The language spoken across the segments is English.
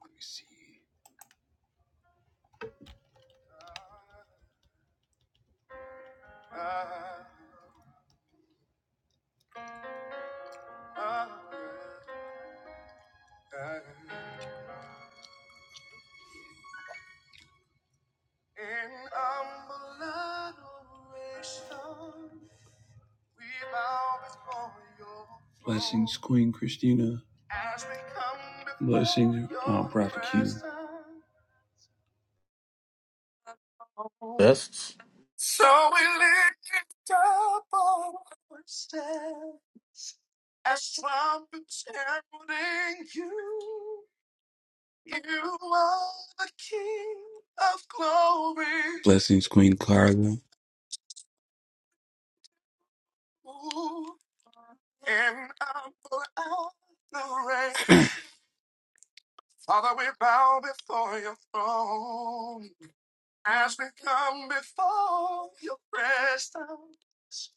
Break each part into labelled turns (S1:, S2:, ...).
S1: Let me see. Ah, ah, ah. In humble adoration, we bow before your throne. Blessings, Queen Christina. As we come before Blessings, uh, your Prophet Q. presence.
S2: That's
S1: So we lift up our voices as trumpets heralding you. You are the King of glory. Blessings, Queen Carla. Ooh, And I'm forever raised. Father, we bow before your throne. As we come before your presence,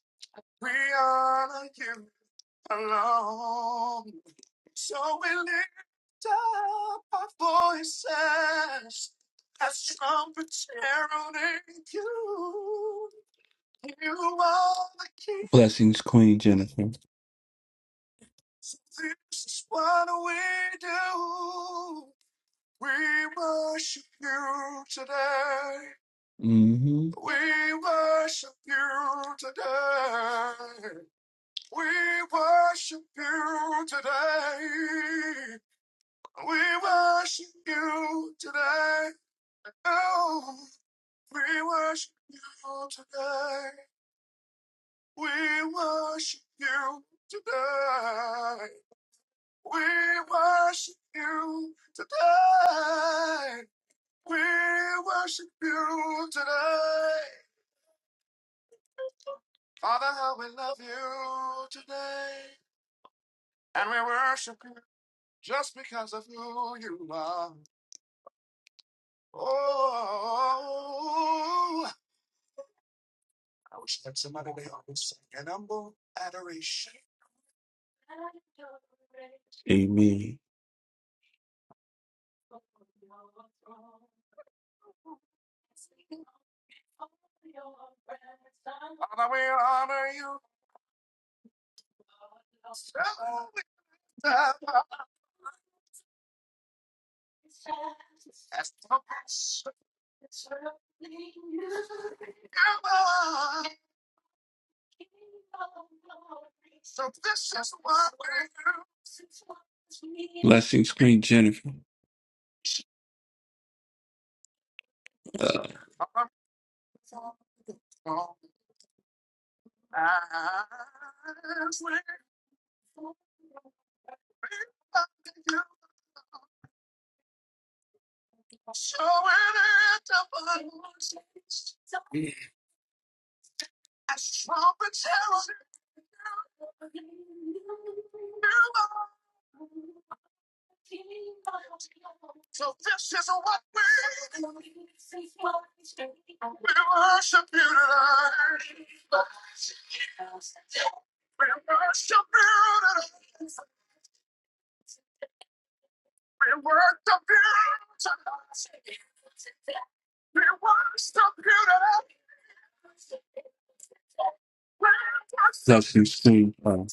S1: we honor you alone. So we lift up our voices as trumpets heralding you. You are the King. Blessings, Queen Jennifer. This is what we do. We worship you today. hmm We worship you today. We worship you today. We worship you today. Oh, we worship you today. We worship you today. We worship you today. We worship you today. Father, how we love you today. And we worship you just because of who you are. Oh, I wish that somebody would help sing an humble adoration. Amen. Father, we honor you. This is what we Blessings, Queen Jennifer. Uh, So this is what we worship you tonight. We worship you. We worship you. We worship you. We worship Blessings to uh,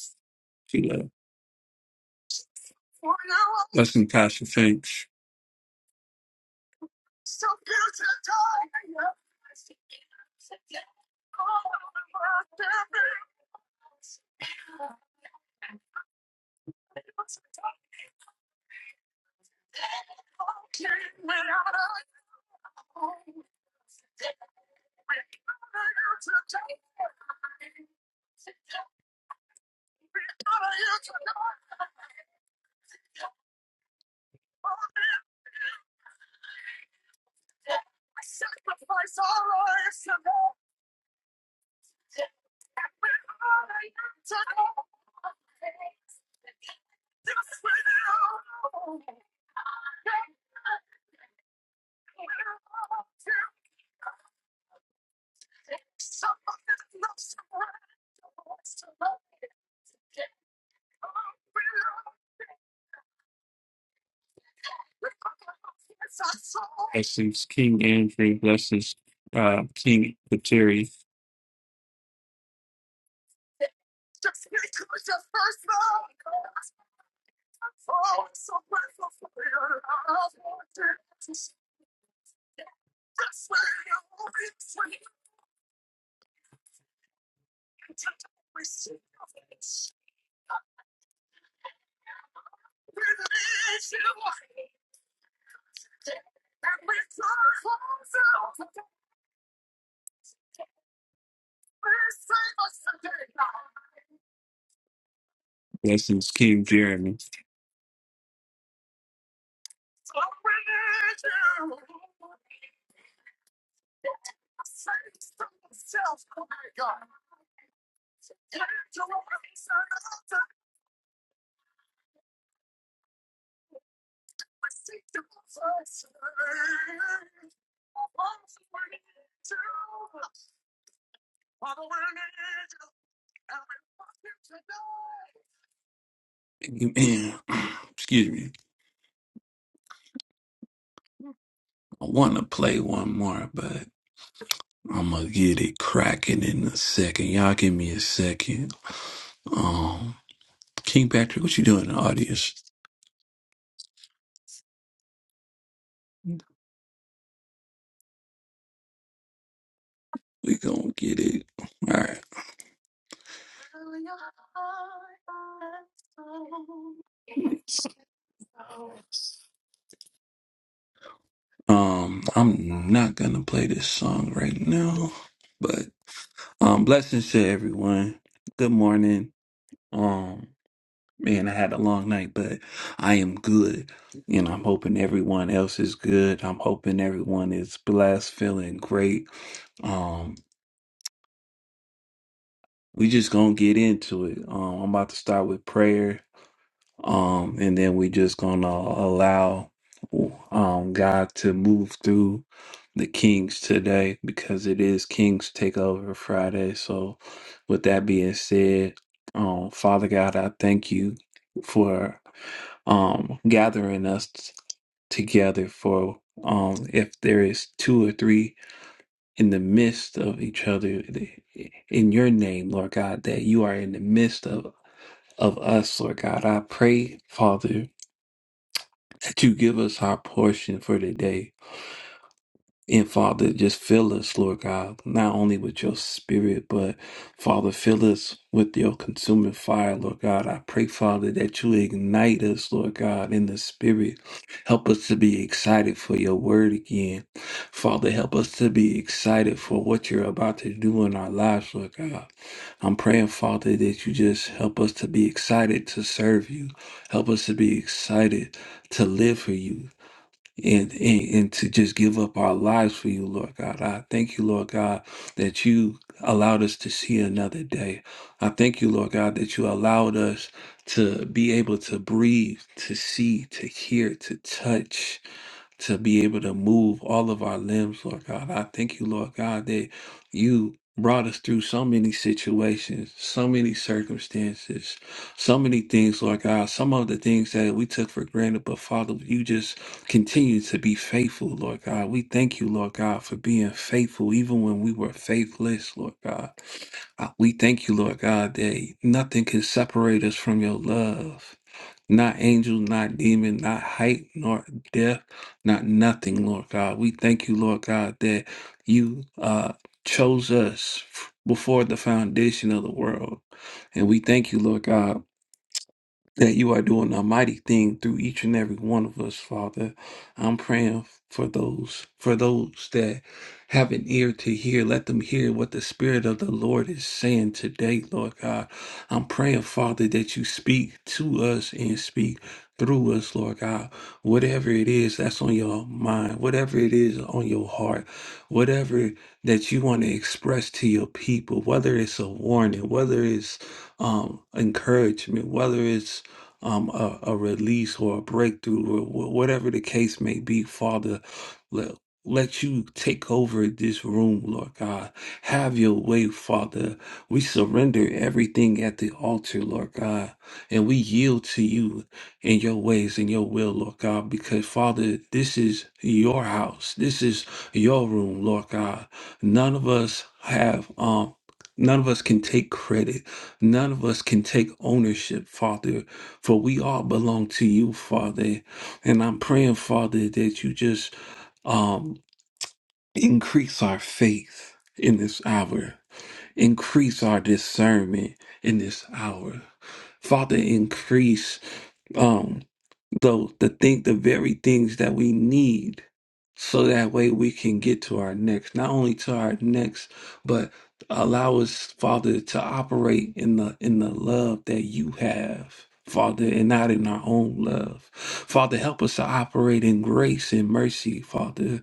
S1: to, uh, blessing Pastor Finch. Blessings King Andrew. Blessings uh, King Kateri. Blessings King Jeremy. Amen. Excuse me. I want to play one more, but I'm gonna get it cracking in a second. Y'all give me a second. Um, King Patrick, what you doing in the audience? We gonna get it. All right. Um, I'm not gonna play this song right now, but um, blessings to everyone. Good morning. Um, man, I had a long night, but I am good, and I'm hoping everyone else is good. I'm hoping everyone is blessed, feeling great. Um, we just gonna get into it. Um, I'm about to start with prayer. um, and then we just gonna allow um, God to move through the Kings today because it is Kings Takeover Friday. So, with that being said, um, Father God, I thank you for um, gathering us together. For um, if there is two or three in the midst of each other, in your name, Lord God, that you are in the midst of of us, Lord God. I pray, Father that you give us our portion for today. And Father, just fill us, Lord God, not only with your spirit, but Father, fill us with your consuming fire, Lord God. I pray, Father, that you ignite us, Lord God, in the spirit. Help us to be excited for your word again. Father, help us to be excited for what you're about to do in our lives, Lord God. I'm praying, Father, that you just help us to be excited to serve you. Help us to be excited to live for you and, and and to just give up our lives for you, Lord God. I thank you, Lord God, that you allowed us to see another day. I thank you, Lord God, that you allowed us to be able to breathe, to see, to hear, to touch to be able to move all of our limbs, Lord God. I thank you, Lord God, that you brought us through so many situations, so many circumstances, so many things, Lord God. Some of the things that we took for granted, but Father, you just continue to be faithful, Lord God. We thank you, Lord God, for being faithful even when we were faithless, Lord God. Uh, We thank you, Lord God, that nothing can separate us from your love. Not angel, not demon, not height, nor depth not nothing, Lord God. We thank you, Lord God, that you uh, chose us before the foundation of the world. And we thank you, Lord God that you are doing a mighty thing through each and every one of us, Father. I'm praying for those for those that have an ear to hear. Let them hear what the Spirit of the Lord is saying today, Lord God. I'm praying, Father, that you speak to us and speak through us, Lord God. Whatever it is that's on your mind, whatever it is on your heart, whatever that you want to express to your people, whether it's a warning, whether it's um, encouragement, whether it's um, a, a release or a breakthrough or wh- whatever the case may be, Father. Let, let you take over this room, Lord God. Have your way, Father. We surrender everything at the altar, Lord God, and we yield to you in your ways and your will, Lord God, because Father, this is your house. This is your room, Lord God. None of us have um None of us can take credit. None of us can take ownership, Father. For we all belong to you, Father. And I'm praying, Father, that you just um, increase our faith in this hour, increase our discernment in this hour. Father, increase. um, though to think the very things that we need so that way we can get to our next not only to our next but allow us father to operate in the in the love that you have father and not in our own love father help us to operate in grace and mercy father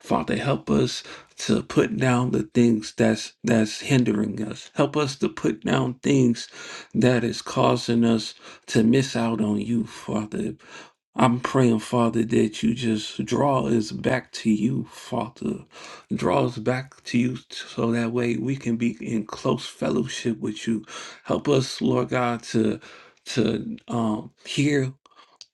S1: father help us to put down the things that's that's hindering us help us to put down things that is causing us to miss out on you father I'm praying, Father, that you just draw us back to you, Father. Draw us back to you so that way we can be in close fellowship with you. Help us, Lord God, to to um, hear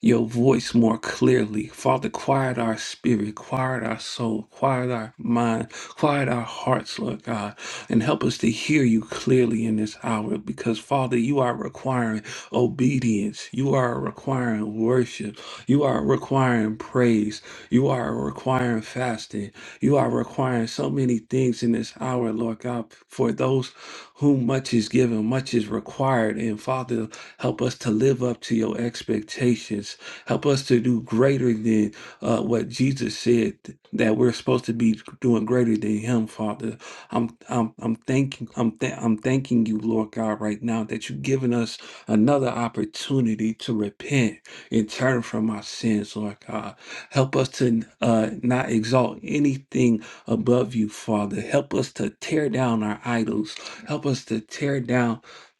S1: your voice more clearly. Father, quiet our spirit, quiet our soul, quiet our mind, quiet our hearts, Lord God, and help us to hear you clearly in this hour because, Father, you are requiring obedience. You are requiring worship. You are requiring praise. You are requiring fasting. You are requiring so many things in this hour, Lord God, for those whom much is given, much is required. And Father, Help us to live up to your expectations. Help us to do greater than uh, what Jesus said that we're supposed to be doing greater than Him, Father. I'm I'm I'm thanking I'm th- I'm thanking you, Lord God, right now that you've given us another opportunity to repent and turn from our sins, Lord God. Help us to uh, not exalt anything above you, Father. Help us to tear down our idols. Help us to tear down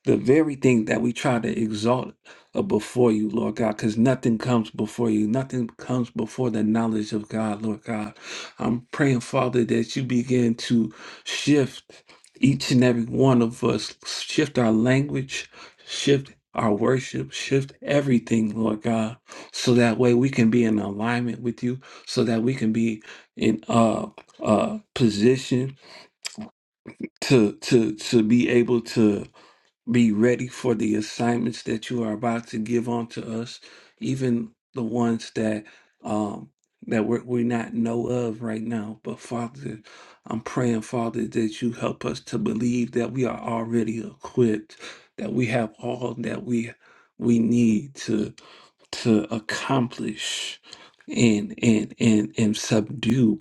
S1: the very thing that we try to exalt uh, before you, Lord God, because nothing comes before you. Nothing comes before the knowledge of God, Lord God. I'm praying, Father, that you begin to shift each and every one of us, shift our language, shift our worship, shift everything, Lord God, so that way we can be in alignment with you, so that we can be in uh uh position to to to be able to be ready for the assignments that you are about to give onto us, even the ones that um that we're, we not know of right now. But Father, I'm praying, Father, that you help us to believe that we are already equipped, that we have all that we we need to to accomplish and and and and subdue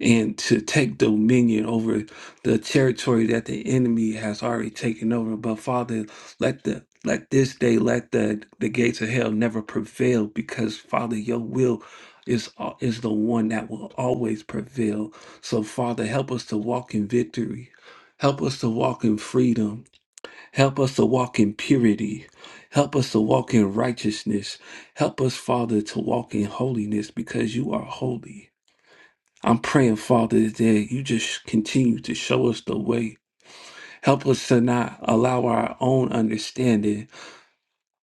S1: and to take dominion over the territory that the enemy has already taken over. But Father, let the let this day, let the the gates of hell never prevail, because Father, your will is al- is the one that will always prevail. So Father, help us to walk in victory. Help us to walk in freedom. Help us to walk in purity. Help us to walk in righteousness. Help us, Father, to walk in holiness because you are holy. I'm praying, Father, that you just continue to show us the way. Help us to not allow our own understanding,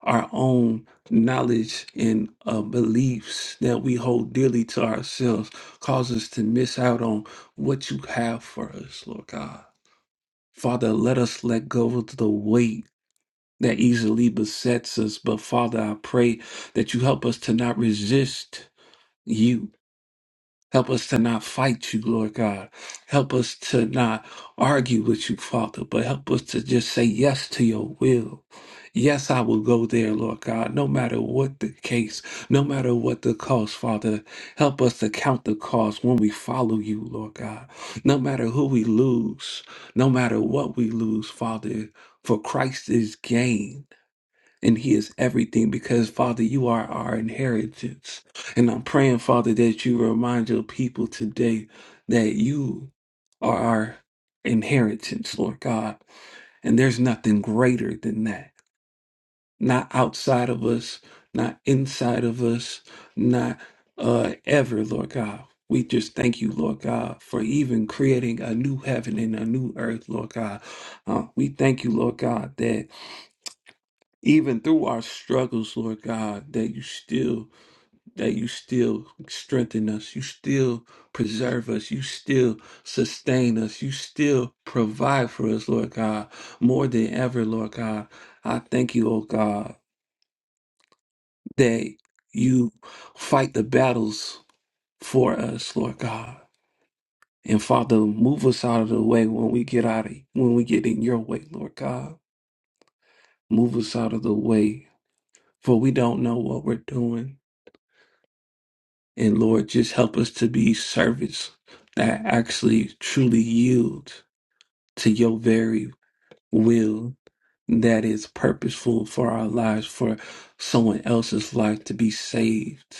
S1: our own knowledge and uh, beliefs that we hold dearly to ourselves cause us to miss out on what you have for us, Lord God. Father, let us let go of the weight that easily besets us. But Father, I pray that you help us to not resist you Help us to not fight you, Lord God. Help us to not argue with you, Father, but help us to just say yes to your will. Yes, I will go there, Lord God, no matter what the case, no matter what the cost, Father. Help us to count the cost when we follow you, Lord God. No matter who we lose, no matter what we lose, Father, for Christ is gain and He is everything because, Father, you are our inheritance. And I'm praying, Father, that you remind your people today that you are our inheritance, Lord God. And there's nothing greater than that. Not outside of us, not inside of us, not uh, ever, Lord God. We just thank you, Lord God, for even creating a new heaven and a new earth, Lord God. Uh, we thank you, Lord God, that even through our struggles, Lord God, that you still that you still strengthen us, you still preserve us, you still sustain us, you still provide for us, Lord God, more than ever, Lord God. I thank you, oh God, that you fight the battles for us, Lord God. And Father, move us out of the way when we get out of when we get in your way, Lord God. Move us out of the way, for we don't know what we're doing. And Lord, just help us to be servants that actually truly yield to your very will that is purposeful for our lives, for someone else's life to be saved,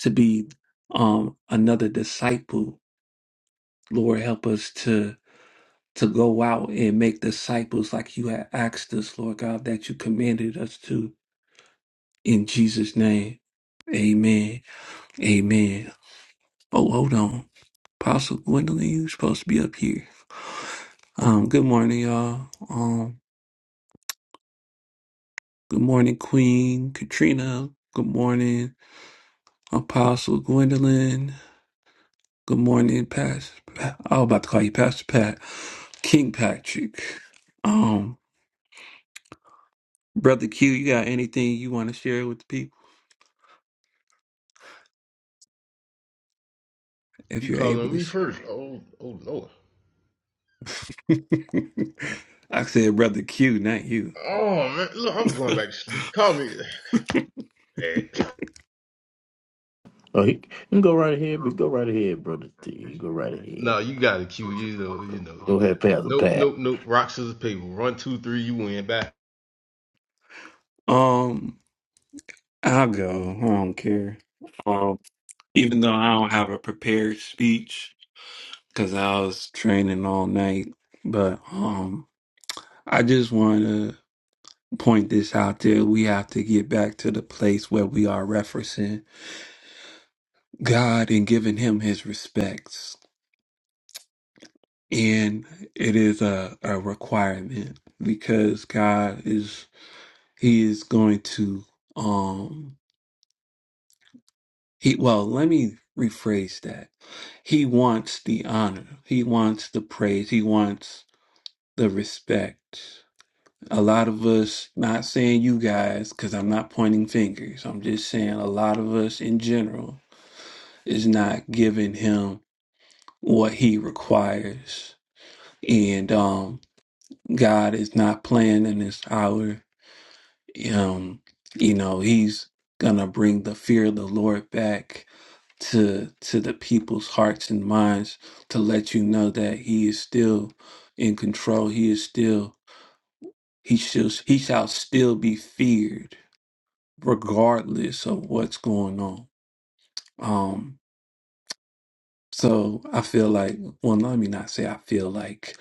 S1: to be um another disciple. Lord, help us to to go out and make disciples like you had asked us, Lord God, that you commanded us to. In Jesus' name. Amen. Amen. Oh, hold on. Apostle Gwendolyn, you're supposed to be up here. Um, good morning, y'all. Um, good morning, Queen Katrina. Good morning, Apostle Gwendolyn. Good morning, Pastor. Pa- I was about to call you Pastor Pat, King Patrick. Um, Brother Q, you got anything you want to share with the people if
S3: You
S1: you're
S3: calling
S1: able
S3: on
S1: to?
S3: me
S1: s-
S3: first? Oh, oh no.
S1: I said Brother Q, not you.
S3: Oh man, look, I'm going back to sleep. Call me. Man.
S2: oh, he, you can go right ahead, but go right ahead, brother T. You go right ahead.
S3: No, you got a cue. You know, you know, you
S2: Go
S3: got. It.
S2: ahead, Pastor
S3: Nope,
S2: Pat.
S3: nope, nope. Rock scissors paper. One, two, three. You win. Back.
S1: Um, I'll go. I don't care. Um, even though I don't have a prepared speech because I was training all night. But um, I just want to point this out there. We have to get back to the place where we are referencing God and giving Him His respects, and it is a a requirement because God is He is going to um he well let me rephrase that he wants the honor he wants the praise he wants the respect. A lot of us, not saying you guys, because I'm not pointing fingers, I'm just saying a lot of us in general is not giving him what he requires. And um, God is not playing in this hour. Um, you know, he's gonna bring the fear of the Lord back to to the people's hearts and minds to let you know that he is still in control. He is still He shall, he shall still be feared regardless of what's going on. Um, so I feel like, well, let me not say I feel like,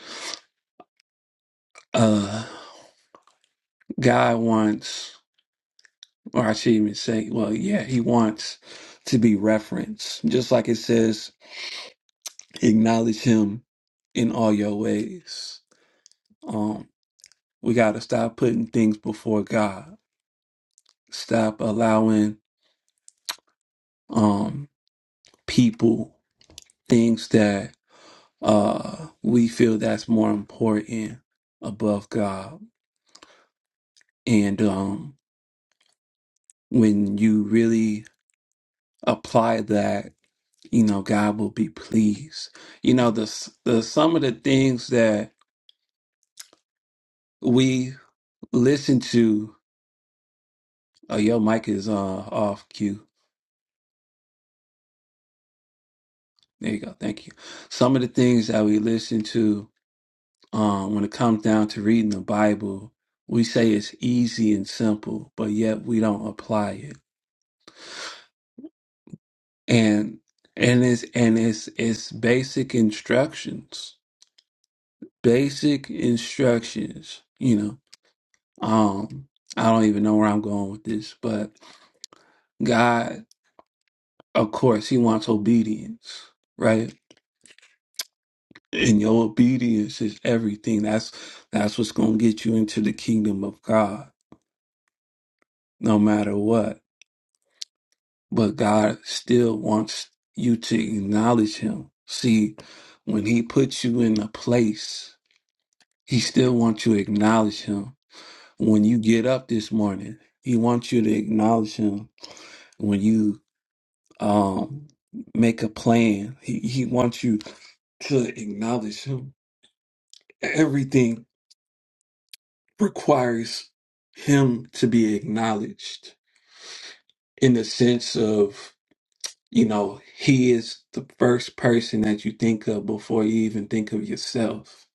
S1: uh, God wants, or I should even say, well, yeah, he wants to be referenced. Just like it says, acknowledge him in all your ways. Um, we got to stop putting things before God. Stop allowing um people things that uh we feel that's more important above god and um when you really apply that you know god will be pleased you know the s- the some of the things that we listen to oh your mic is uh off cue there you go thank you some of the things that we listen to um when it comes down to reading the bible we say it's easy and simple but yet we don't apply it and and it's and it's it's basic instructions basic instructions you know um i don't even know where i'm going with this but god of course he wants obedience right and your obedience is everything that's that's what's going to get you into the kingdom of god no matter what but god still wants you to acknowledge him see when he puts you in a place He still wants you to acknowledge him. When you get up this morning, he wants you to acknowledge him. When you um make a plan, he, he wants you to acknowledge him. Everything requires him to be acknowledged in the sense of, you know, he is the first person that you think of before you even think of yourself.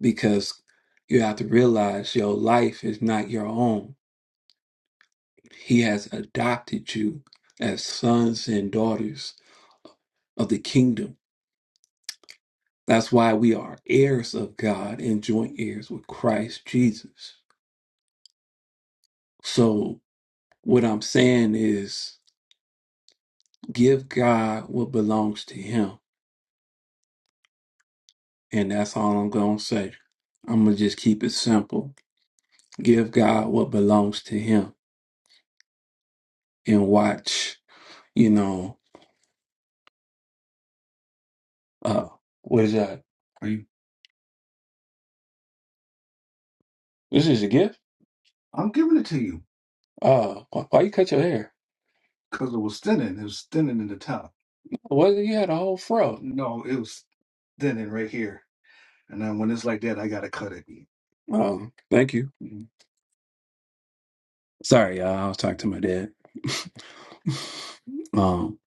S1: Because you have to realize your life is not your own He has adopted you as sons and daughters of the kingdom. That's why we are heirs of God and joint heirs with Christ Jesus. So, what I'm saying is give God what belongs to Him. And that's all I'm going to say. I'm going to just keep it simple. Give God what belongs to Him and watch, you know, uh, what is that? Are you? This is a gift? I'm giving it to you. Uh, why, why you cut your hair? because it was thinning. It was thinning in the top. Well, you had a whole fro. No, it was thinning right here. And then when it's like that, I gotta cut it. Oh, thank you. Sorry, y'all. I was talking to my dad. um,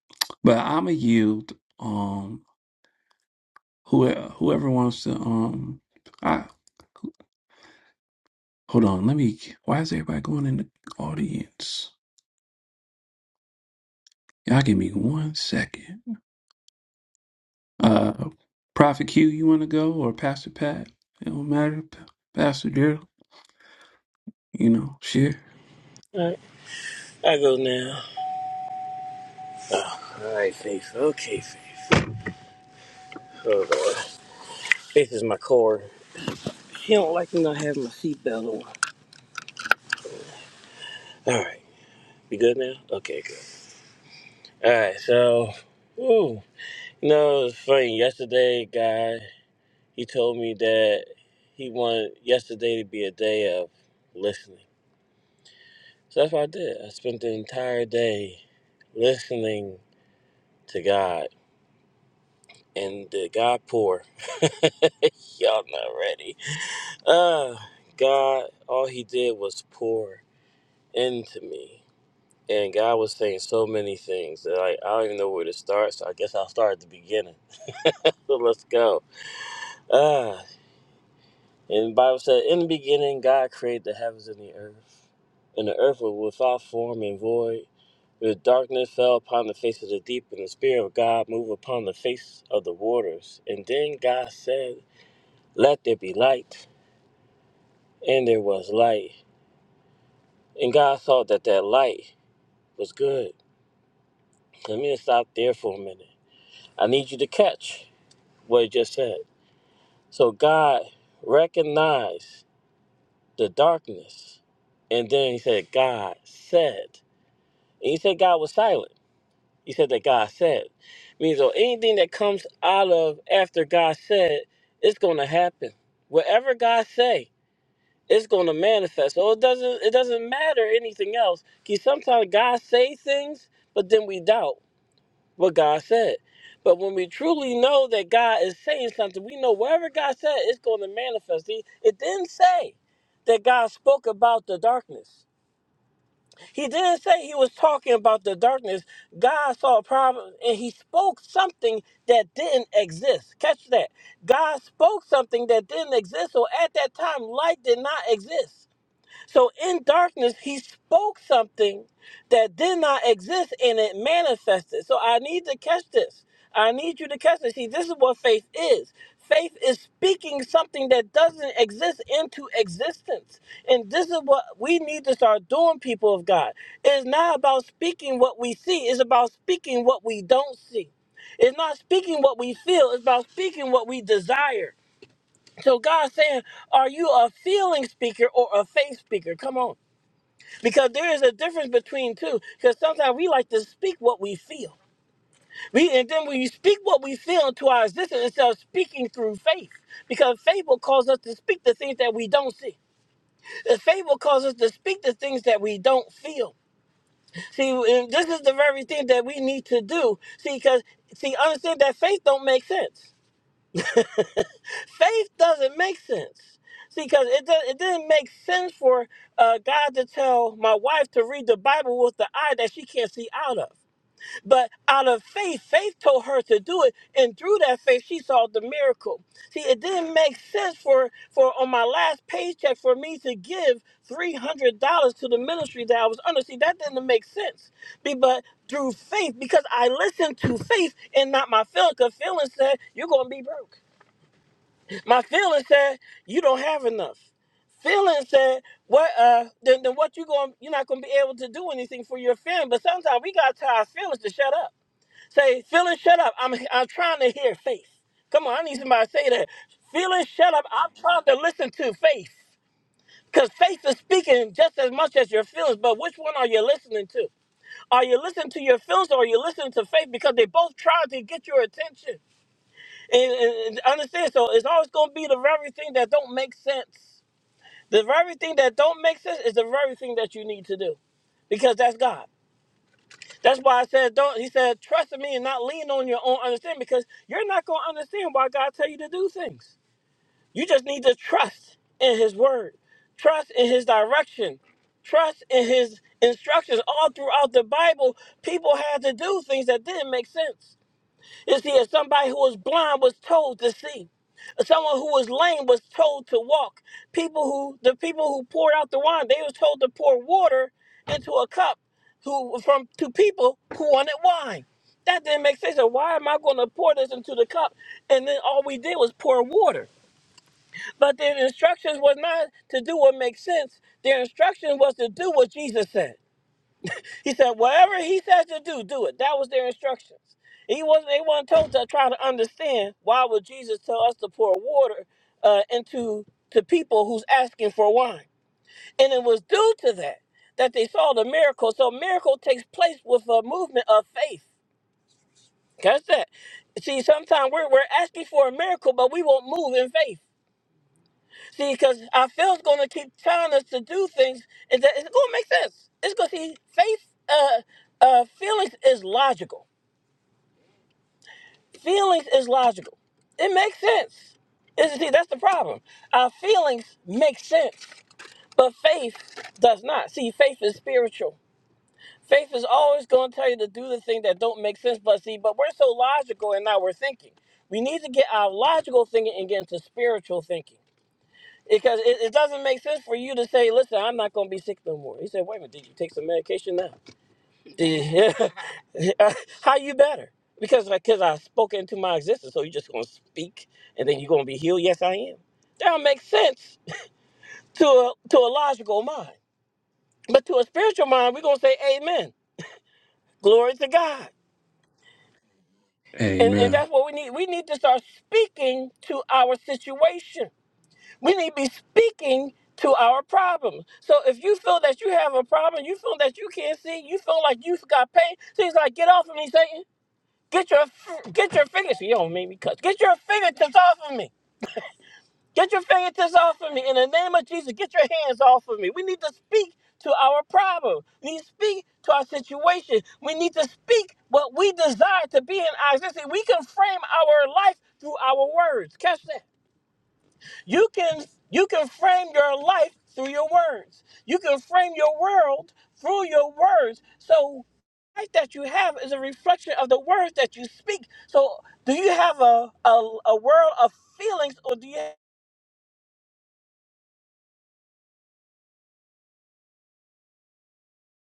S1: but I'm a yield. Um, whoever whoever wants to. Um, I hold on. Let me. Why is everybody going in the audience? Y'all give me one second. Uh, Prophet Q, you want to go or Pastor Pat? It don't matter. P- Pastor Daryl, you know, share.
S4: Alright, I go now. Alright, Faith. Okay, Faith. Oh, Lord. Faith is my cord. He don't like me not having my seatbelt on. Alright, we good now? Okay, good. Alright, so, ooh. You know, it's funny. Yesterday, guy, he told me that he wanted yesterday to be a day of listening. So that's what I did. I spent the entire day listening to God and the God pour. Y'all not ready. Ah, God, all he did was pour into me. And God was saying so many things that I, I don't even know where to start, so I guess I'll start at the beginning. So let's go. Ah, and the Bible said, In the beginning, God created the heavens and the earth. And the earth was without form and void. The darkness fell upon the face of the deep, and the Spirit of God moved upon the face of the waters. And then God said, Let there be light. And there was light. And God saw that that light was good Let me just stop there for a minute. I need you to catch what it just said. So God recognized the darkness, and then he said, God said. And he said God was silent. He said that God said. Means so anything that comes out of after God said, it's gonna happen. Whatever God say, it's gonna manifest. So it doesn't it doesn't matter anything else. Cause sometimes God say things, but then we doubt. what God said. But when we truly know that God is saying something, we know whatever God said is going to manifest. He, it didn't say that God spoke about the darkness. He didn't say he was talking about the darkness. God saw a problem and he spoke something that didn't exist. Catch that. God spoke something that didn't exist. So at that time, light did not exist. So in darkness, he spoke something that did not exist and it manifested. So I need to catch this. I need you to catch this. See, this is what faith is. Faith is speaking something that doesn't exist into existence. And this is what we need to start doing, people of God. It's not about speaking what we see, it's about speaking what we don't see. It's not speaking what we feel, it's about speaking what we desire. So God's saying, Are you a feeling speaker or a faith speaker? Come on because there is a difference between two. Because sometimes we like to speak what we feel. We and then when you speak what we feel into our existence instead of speaking through faith, because faith will cause us to speak the things that we don't see. And Faith will cause us to speak the things that we don't feel. See, and this is the very thing that we need to do. See, because see, understand that faith don't make sense. Faith doesn't make sense. See, because it, does, it didn't make sense for uh, God to tell my wife to read the Bible with the eye that she can't see out of. But out of faith, faith told her to do it, and through that faith, she saw the miracle. See, it didn't make sense for for on my last paycheck for me to give three hundred dollars to the ministry that I was under. See, that didn't make sense. Be- But through faith, because I listened to faith and not my feeling, because feeling said you're gonna be broke. My feeling said you don't have enough. Feeling said what uh then, then what you going you're not gonna be able to do anything for your family. But sometimes we gotta tell our feelings to shut up Say, feeling shut up. I'm I'm trying to hear faith. Come on, I need somebody to say that. Feeling shut up. I'm trying to listen to faith. Because faith is speaking just as much as your feelings, but which one are you listening to? Are you listening to your feelings or are you listening to faith? Because they both try to get your attention. And, and, and understand, so it's always going to be the very thing that don't make sense. The very thing that don't make sense is the very thing that you need to do. Because that's God. That's why I said, don't. He said, trust in me and not lean on your own understanding because you're not going to understand why God tell you to do things. You just need to trust in His word, trust in His direction, trust in His instructions. All throughout the Bible, people had to do things that didn't make sense. You see, if somebody who was blind was told to see, someone who was lame was told to walk. People who the people who poured out the wine, they was told to pour water into a cup who from to people who wanted wine. That didn't make sense. So why am I going to pour this into the cup? And then all we did was pour water. But their instructions was not to do what makes sense. Their instruction was to do what Jesus said. He said, whatever he says to do, do it. That was their instructions. He wasn't. They weren't told to try to understand why would Jesus tell us to pour water uh, into to people who's asking for wine. And it was due to that that they saw the miracle. So miracle takes place with a movement of faith. Catch that. See, sometimes we're, we're asking for a miracle, but we won't move in faith. See, because our feelings going to keep telling us to do things, is that it's going to make sense. It's going to see faith. Uh, uh, feelings is logical. Feelings is logical. It makes sense. It's, see, that's the problem. Our feelings make sense, but faith does not. See, faith is spiritual. Faith is always going to tell you to do the thing that don't make sense. But see, but we're so logical, and now we're thinking. We need to get our logical thinking and get into spiritual thinking. Because it, it doesn't make sense for you to say, listen, I'm not going to be sick no more. He said, wait a minute, did you take some medication now? Did you- How you better? Because because I spoke into my existence, so you're just going to speak and then you're going to be healed? Yes, I am. That don't make sense to a, to a logical mind. But to a spiritual mind, we're going to say, amen. Glory to God. And, and
S1: Amen.
S4: that's what we need. We need to start speaking to our situation. We need to be speaking to our problems. So if you feel that you have a problem, you feel that you can't see, you feel like you've got pain, so he's like, get off of me, Satan. Get your get your fingers. You don't make me cut. Get your fingertips off of me. Get your fingertips off of me. In the name of Jesus, get your hands off of me. We need to speak to our problem. We need to speak to our situation. We need to speak what we desire to be in our existence. We can frame our life through our words. Catch that. You can you can frame your life through your words. You can frame your world through your words. So life that you have is a reflection of the words that you speak. So do you have a a, a world of feelings or do you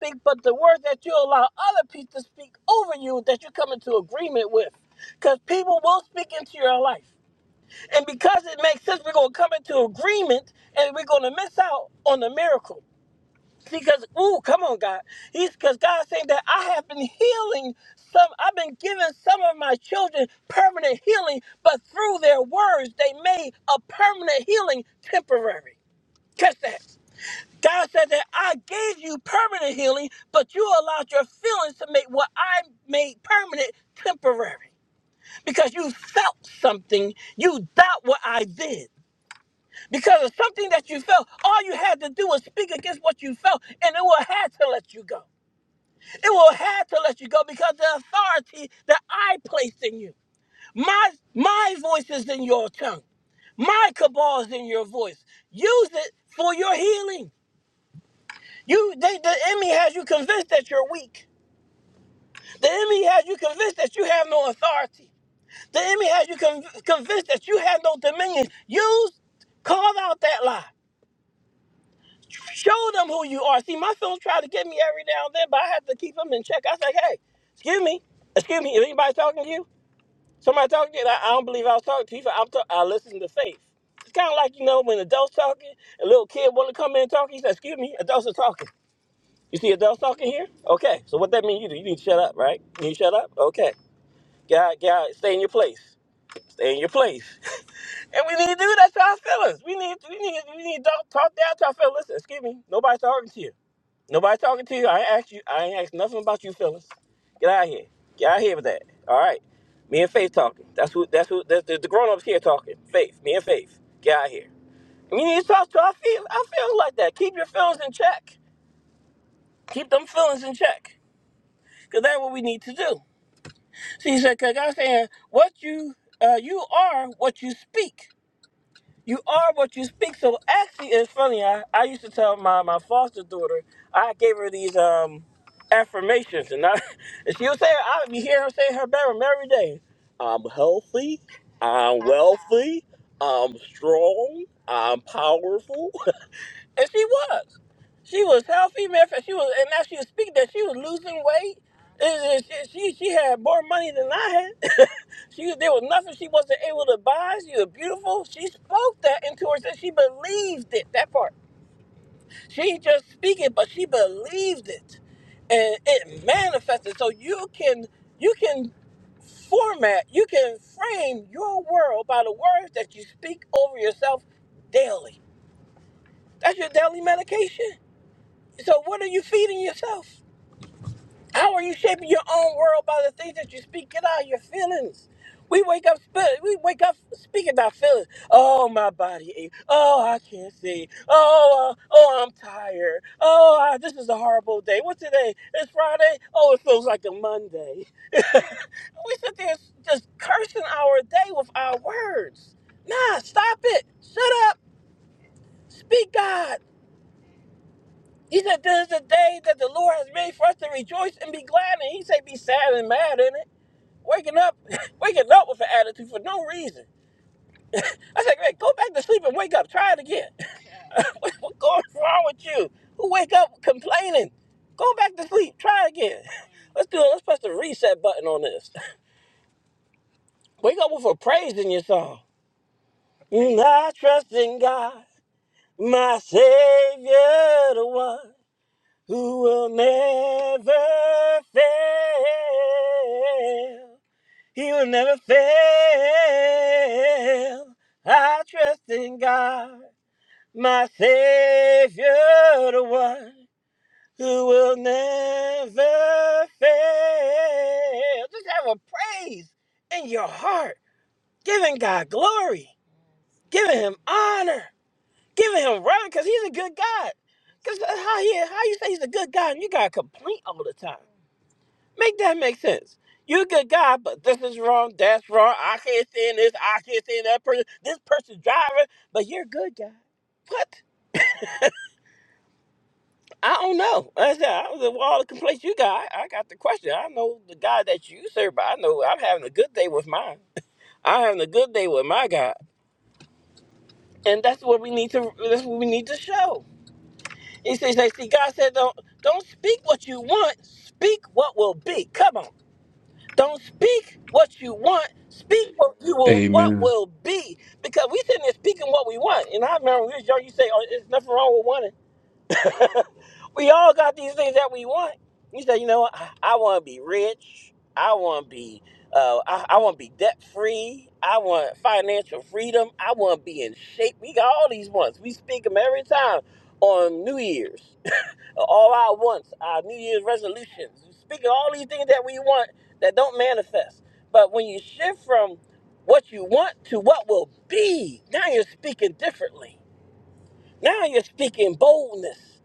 S4: speak but the words that you allow other people to speak over you that you come into agreement with? Because people will speak into your life. And because it makes sense, we're gonna come into agreement and we're gonna miss out on the miracle. Because, ooh, come on, God. He's because God's saying that I have been healing some, I've been giving some of my children permanent healing, but through their words, they made a permanent healing temporary. Catch that. God said that I gave you permanent healing, but you allowed your feelings to make what I made permanent temporary. Because you felt something, you doubt what I did. Because of something that you felt, all you had to do was speak against what you felt, and it will had to let you go. It will have to let you go because the authority that I placed in you. My my voice is in your tongue. My cabal is in your voice. Use it for your healing. You they, the enemy has you convinced that you're weak. The enemy has you convinced that you have no authority. The enemy has you con- convinced that you have no dominion. Use call out that lie. Show them who you are. See, my films try to get me every now and then, but I have to keep them in check. I say, hey, excuse me, excuse me, is anybody talking to you? Somebody talking, to you, and I, I don't believe I was talking to people. I'm talk, I listen to faith. It's kind of like you know when adults talking, a little kid want to come in and talk. He says, "Excuse me, adults are talking." You see adults talking here? Okay, so what that mean you do? You need to shut up, right? You need to shut up. Okay, God, God, stay in your place. Stay in your place. and we need to do that to our feelings. We need, we need, we need to talk, talk down to our feelings. Listen, excuse me, nobody's talking to you. Nobody talking to you. I ain't asked you. I ain't asked nothing about you, feelings. Get out of here. Get out of here with that. All right. Me and Faith talking. That's who. That's who. That's the, the grown ups here talking. Faith. Me and Faith. Get out of here. We need to talk to our feel. Our feelings like that. Keep your feelings in check. Keep them feelings in check. Cause that's what we need to do. See, he said, "Cause God's saying what you uh, you are what you speak." You are what you speak. So actually, it's funny. I, I used to tell my, my foster daughter, I gave her these um affirmations, and I and she would say, I would be hearing her say in her bedroom every day. I'm healthy. I'm wealthy. I'm strong. I'm powerful. And she was. She was healthy. Matter of fact, she was, and now she was speaking that she was losing weight. And and she, she she had more money than I had. she there was nothing she wasn't able to buy. She was beautiful. She spoke that into herself. She believed it. That part. She ain't just speak it, but she believed it, and it manifested. So you can you can format, you can frame your world by the words that you speak over yourself daily. That's your daily medication so, what are you feeding yourself? How are you shaping your own world by the things that you speak? Get out of your feelings. We wake up, spe- we wake up speaking our feelings. Oh, my body ache. Oh, I can't see. Oh, uh, oh, I'm tired. Oh, I, this is a horrible day. What's today? It's Friday. Oh, it feels like a Monday. we sit there just cursing our day with our words. Nah, stop it. Shut up. Speak God. He said, This is the day that the Lord has made for us to rejoice and be glad. And he said, Be sad and mad in it. Waking up, waking up with an attitude for no reason. I said, Man, go back to sleep and wake up. Try it again. what, what's going wrong with you? Who wake up complaining? Go back to sleep. Try it again. Let's do it. Let's press the reset button on this. Wake up with a praise in your song. And I trust in God, my Savior, the one. who will never fail. He will never fail. I trust in God, my Savior, the one who will never fail. Just have a praise in your heart, giving God glory, giving Him honor, giving Him right, because He's a good God. Because how, he, how you say He's a good God and you got to complain all the time? Make that make sense. You're a good guy, but this is wrong, that's wrong. I can't stand this, I can't stand that person. This person's driving, but you're a good guy. What? I don't know. Like I said, I was all the complaints you got. I got the question. I know the guy that you serve, but I know I'm having a good day with mine. I'm having a good day with my God, and that's what we need to. That's what we need to show. He says, like, "See, God said, don't don't speak what you want. Speak what will be. Come on." Don't speak what you want. Speak what you will, what
S1: Amen.
S4: will be. Because we sitting there speaking what we want. And I remember when we was young, you say, "Oh, there's nothing wrong with wanting." we all got these things that we want. You say, "You know what? I, I want to be rich. I want to be, uh, I, I want to be debt free. I want financial freedom. I want to be in shape." We got all these wants. We speak them every time on New Year's all our wants, our New Year's resolutions, speaking all these things that we want that don't manifest. But when you shift from what you want to what will be, now you're speaking differently. Now you're speaking boldness.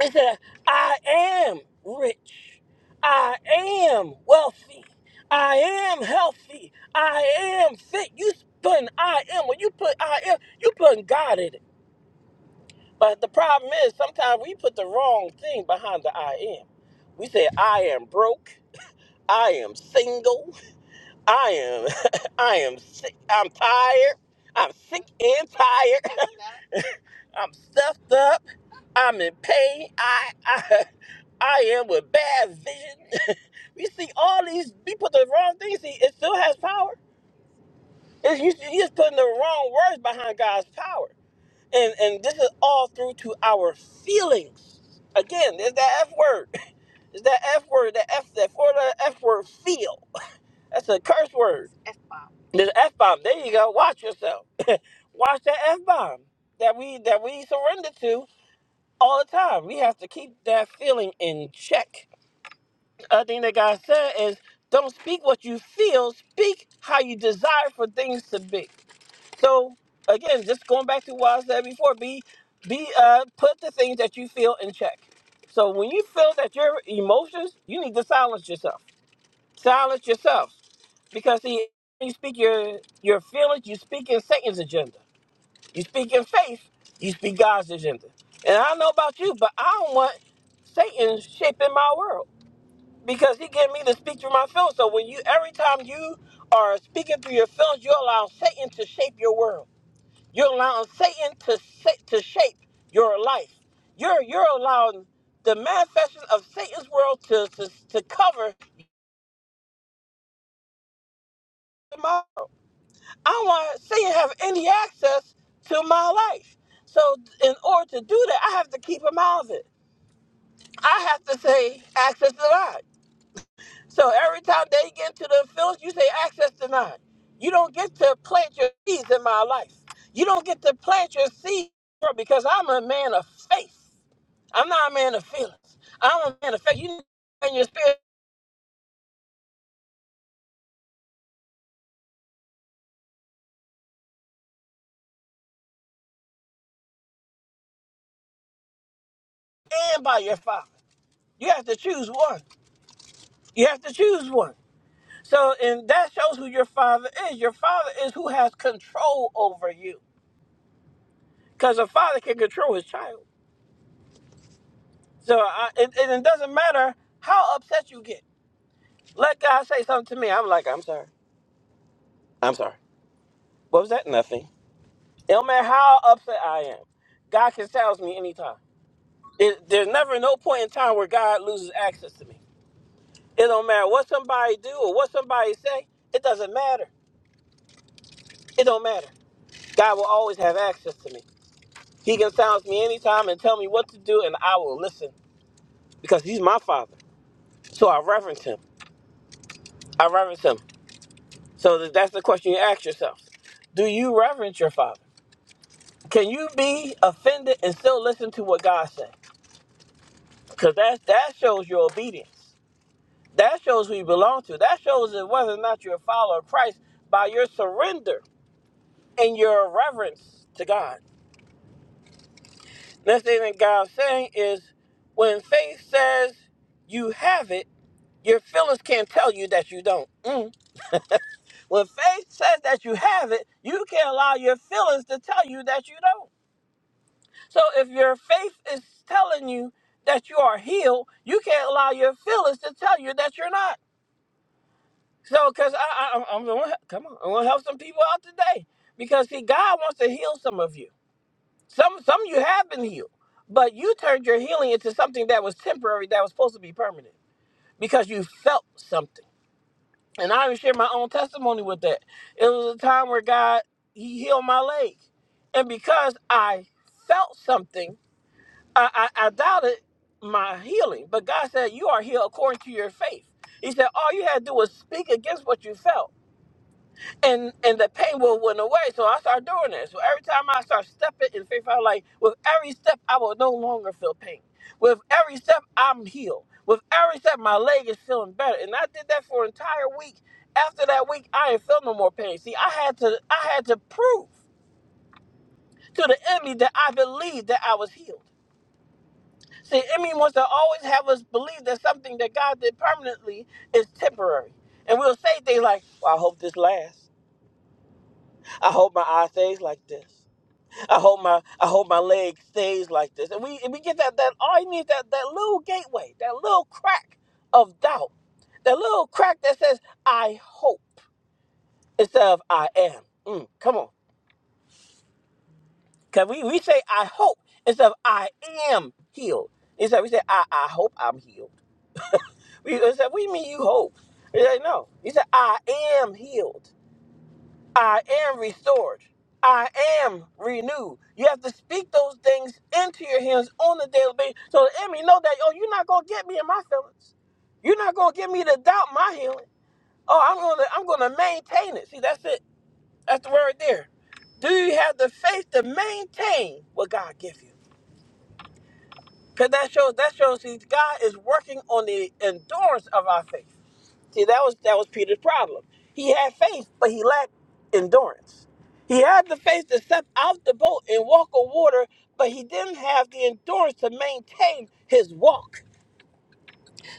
S4: It said, I am rich. I am wealthy. I am healthy. I am fit. You putting I am, when you put I am, you putting God in it. But the problem is sometimes we put the wrong thing behind the I am. We said, I am broke. I am single. I am, I am sick. I'm tired. I'm sick and tired. I'm stuffed up. I'm in pain. I, I, I am with bad vision. we see all these. We put the wrong things. See, it still has power. It's, you, you just putting the wrong words behind God's power, and and this is all through to our feelings. Again, there's that F word. It's that F word. That F. That four letter F word. Feel. That's a curse word. This F bomb. There you go. Watch yourself. Watch that F bomb that we that we surrender to all the time. We have to keep that feeling in check. Other thing that God said is don't speak what you feel, speak how you desire for things to be. So again, just going back to what I said before, be be uh put the things that you feel in check. So when you feel that your emotions, you need to silence yourself Silence yourself. Because see, when you speak your your feelings, you speak in Satan's agenda. You speak in faith, you speak God's agenda. And I don't know about you, but I don't want Satan shaping my world because he getting me to speak through my feelings. So when you every time you are speaking through your feelings, you allow Satan to shape your world. You're allowing Satan to sa- to shape your life. You're you're allowing the manifestation of Satan's world to to, to cover. my I want to Satan have any access to my life. So in order to do that, I have to keep him out of it. I have to say access denied. So every time they get into the fields, you say access denied. You don't get to plant your seeds in my life. You don't get to plant your seeds because I'm a man of faith. I'm not a man of feelings. I'm a man of faith. You need to be in your spirit and by your father. You have to choose one. You have to choose one. So, and that shows who your father is. Your father is who has control over you, because a father can control his child. So, I, it, and it doesn't matter how upset you get. Let God say something to me. I'm like, I'm sorry. I'm sorry. What was that? Nothing. It don't matter how upset I am. God can silence me anytime. It, there's never no point in time where God loses access to me. It don't matter what somebody do or what somebody say. It doesn't matter. It don't matter. God will always have access to me. He can silence me anytime and tell me what to do, and I will listen because he's my father. So I reverence him. I reverence him. So th- that's the question you ask yourself Do you reverence your father? Can you be offended and still listen to what God said? Because that, that shows your obedience. That shows who you belong to. That shows that whether or not you're a follower of Christ by your surrender and your reverence to God. Next thing that God's saying is when faith says you have it Your feelings can't tell you that you don't. Mm. When faith says that you have it, you can't allow your feelings to tell you that you don't. So if your faith is telling you that you are healed, you can't allow your feelings to tell you that you're not. So, because I, I, I'm, I'm going to come on, I'm going to help some people out today because see, God wants to heal some of you. Some, some of you have been healed, but you turned your healing into something that was temporary, that was supposed to be permanent because you felt something. And I even shared my own testimony with that. It was a time where God He healed my leg, and because I felt something, I, I, I doubted my healing. But God said, "You are healed according to your faith." He said, "All you had to do was speak against what you felt." and and the pain will went away. So I started doing this. So every time I start stepping in faith, I'm like, with every step, I will no longer feel pain. With every step, I'm healed. With every step, my leg is feeling better. And I did that for an entire week. After that week, I ain't feel no more pain. See, I had to I had to prove to the enemy that I believed that I was healed. See, enemy wants to always have us believe that something that God did permanently is temporary. And we'll say things like, well, I hope this lasts. I hope my eye stays like this. I hope my I hope my leg stays like this. And we and we get that that all you need that that little gateway, that little crack of doubt, that little crack that says I hope instead of I am. Mm, come on, cause we we say I hope instead of I am healed. Instead we say I I hope I'm healed. We said we mean you hope. We say no. You said I am healed. I am restored. I am renewed. You have to speak those things into your hands on a daily basis. So the enemy know that, oh, you're not gonna get me in my feelings. You're not gonna get me to doubt my healing. Oh, I'm gonna I'm gonna maintain it. See, that's it. That's the word there. Do you have the faith to maintain what God gives you? Because that shows that shows see, God is working on the endurance of our faith. See, that was that was Peter's problem. He had faith, but he lacked endurance. He had the faith to step out the boat and walk on water, but he didn't have the endurance to maintain his walk.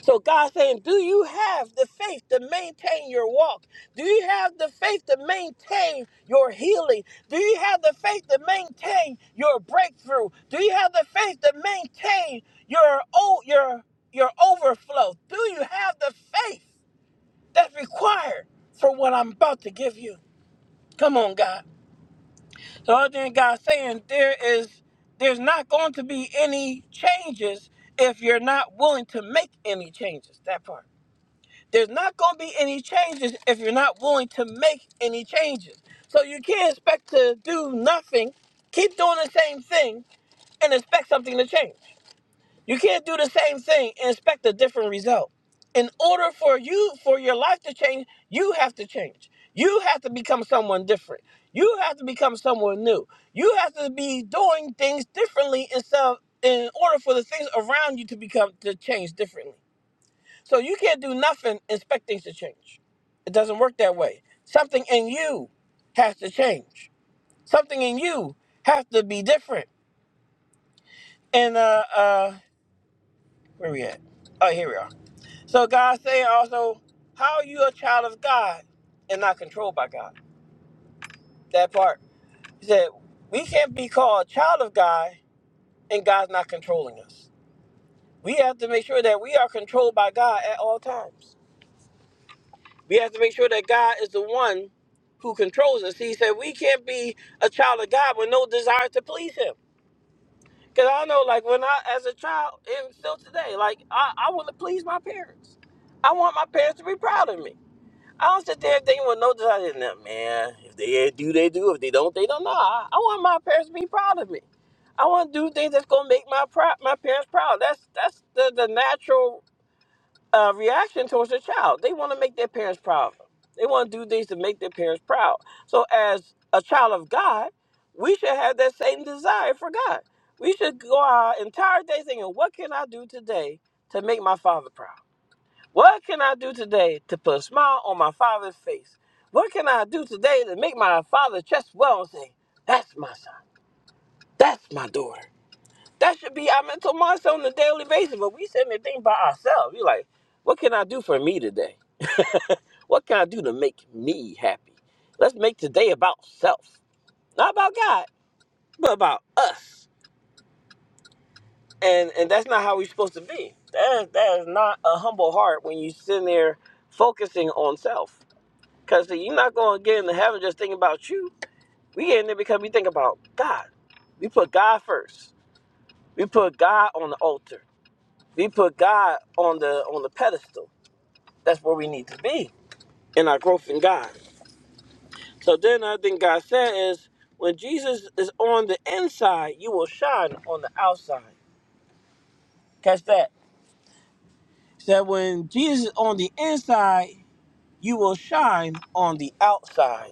S4: So God's saying, Do you have the faith to maintain your walk? Do you have the faith to maintain your healing? Do you have the faith to maintain your breakthrough? Do you have the faith to maintain your oh your your overflow? Do you have the faith? That's required for what I'm about to give you. Come on, God. The other thing God's saying there is there's not going to be any changes if you're not willing to make any changes. That part. There's not going to be any changes if you're not willing to make any changes. So you can't expect to do nothing, keep doing the same thing, and expect something to change. You can't do the same thing and expect a different result. In order for you for your life to change, you have to change. You have to become someone different. You have to become someone new. You have to be doing things differently instead of, in order for the things around you to become to change differently. So you can't do nothing and expect things to change. It doesn't work that way. Something in you has to change. Something in you has to be different. And uh uh where we at? Oh, here we are. So God's saying also, how are you a child of God and not controlled by God? That part. He said, we can't be called child of God and God's not controlling us. We have to make sure that we are controlled by God at all times. We have to make sure that God is the one who controls us. He said, we can't be a child of God with no desire to please him. Because I know, like, when I, as a child, and still today, like, I, I want to please my parents. I want my parents to be proud of me. I don't sit there thinking with no desire. just Now, man, if they do, they do. If they don't, they don't. Nah, I, I want my parents to be proud of me. I want to do things that's gonna make my prou- my parents proud. That's that's the, the natural uh, reaction towards a child. They want to make their parents proud. They want to do things to make their parents proud. So, as a child of God, we should have that same desire for God. We should go our entire day thinking, "What can I do today to make my father proud?" What can I do today to put a smile on my father's face? What can I do today to make my father chest well and say, That's my son. That's my daughter. That should be our mental mindset on a daily basis. But we sitting there thinking by ourselves. You're like, What can I do for me today? What can I do to make me happy? Let's make today about self, not about God, but about us. And and that's not how we're supposed to be. That is, that is not a humble heart when you sitting there focusing on self. Cause you're not gonna get into heaven just thinking about you. We get in there because we think about God. We put God first. We put God on the altar. We put God on the on the pedestal. That's where we need to be in our growth in God. So then I think God said is when Jesus is on the inside, you will shine on the outside. Catch that. He said when Jesus is on the inside, you will shine on the outside.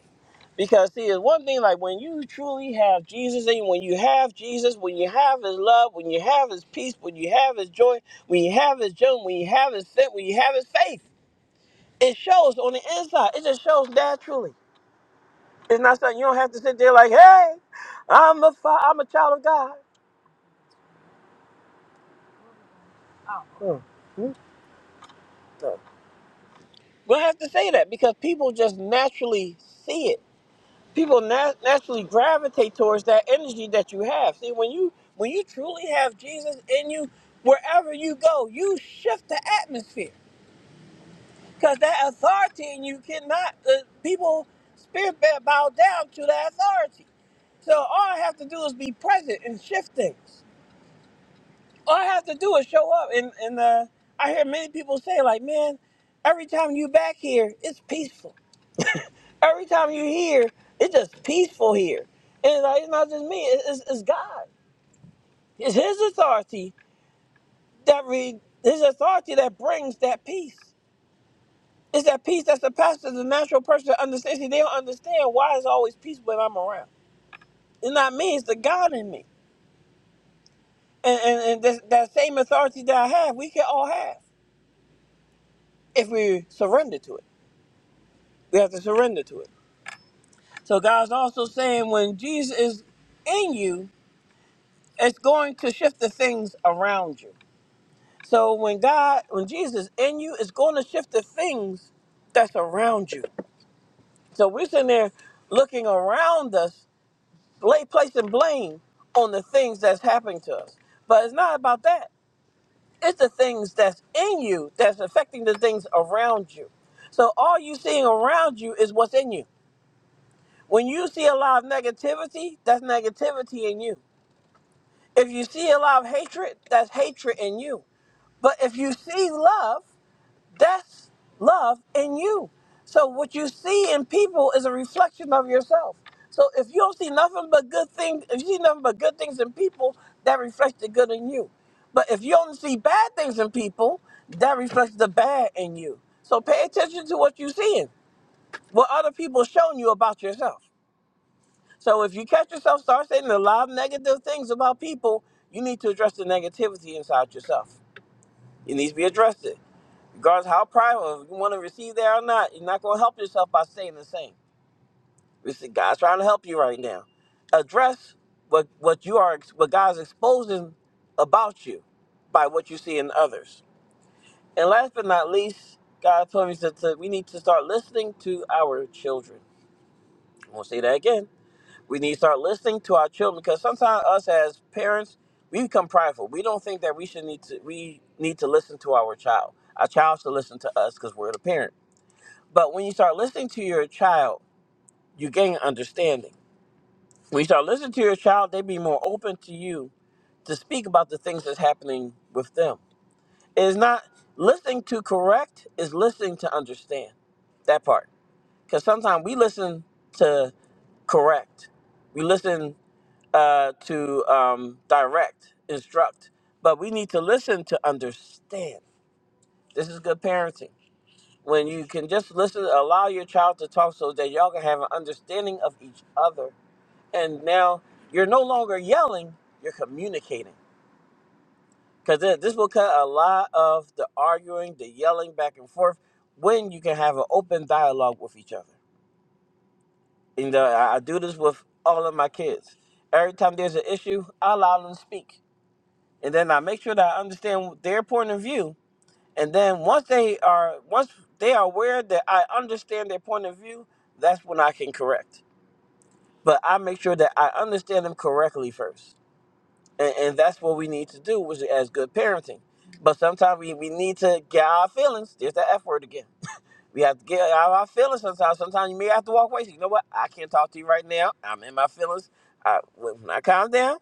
S4: Because see, it's one thing like when you truly have Jesus in you, when you have Jesus, when you have his love, when you have his peace, when you have his joy, when you have his joy, when you have his faith, when you have his faith, it shows on the inside. It just shows naturally. It's not something you don't have to sit there like, hey, I'm a fi- I'm a child of God. Hmm. Hmm. You don't have to say that because people just naturally see it. people nat- naturally gravitate towards that energy that you have. See, when you when you truly have Jesus in you, wherever you go, you shift the atmosphere because that authority in you cannot. Uh, people spirit ba- bow down to that authority. So all I have to do is be present and shift things. All I have to do is show up. And and uh, I hear many people say like, man, every time you back here, it's peaceful Every time you hear, it's just peaceful here. And like, it's not just me, it- it's, it's God. It's His authority that re, His authority that brings that peace. It's that peace that surpasses the natural person that understands. See, they don't understand why it's always peace when I'm around. It's not me, it's the God in me. And, and, and that, that same authority that I have, we can all have if we surrender to it. We have to surrender to it. So God's also saying when Jesus is in you, it's going to shift the things around you. So when God, when Jesus in you, it's going to shift the things that's around you. So we're sitting there looking around us, lay placing blame on the things that's happening to us. But it's not about that. It's the things that's in you that's affecting the things around you. So all you seeing around you is what's in you. When you see a lot of negativity, that's negativity in you. If you see a lot of hatred, that's hatred in you. But if you see love, That's love in you. So what you see in people is a reflection of yourself. So if you don't see nothing but good things, if you see nothing but good things in people, that reflects the good in you. But if you only see bad things in people, that reflects the bad in you. So pay attention to what you're seeing, what other people showing you about yourself. So if you catch yourself start saying a lot of negative things about people, you need to address the negativity inside yourself. It needs to be addressed. Regardless of how prideful, if you want to receive that or not, you're not going to help yourself by staying the same. We see God's trying to help you right now. Address what what you are, what God's exposing about you by what you see in others. And last but not least, God told me that that we need to start listening to our children. I'm gonna say that again. We need to start listening to our children because sometimes us as parents, we become prideful. We don't think that we should need to we need to listen to our child. Our child should listen to us because we're the parent. But when you start listening to your child, you gain understanding. When you start listening to your child, they be more open to you to speak about the things that's happening with them. It is not listening to correct, is listening to understand that part. Because sometimes we listen to correct, we listen uh, to um, direct, instruct, but we need to listen to understand. This is good parenting. when you can just listen, allow your child to talk so that y'all can have an understanding of each other. And now you're no longer yelling, you're communicating. Because this will cut a lot of the arguing, the yelling back and forth when you can have an open dialogue with each other. You know, I, I do this with all of my kids. Every time there's an issue, I allow them to speak. And then I make sure that I understand their point of view And then once they are once they are aware that I understand their point of view, that's when I can correct. But I make sure that I understand them correctly first. And, and that's what we need to do was as good parenting. But sometimes we, we need to get out our feelings. There's that F word again. We have to get out of our feelings sometimes. Sometimes you may have to walk away. You know what? I can't talk to you right now. I'm in my feelings. I, when I calm down,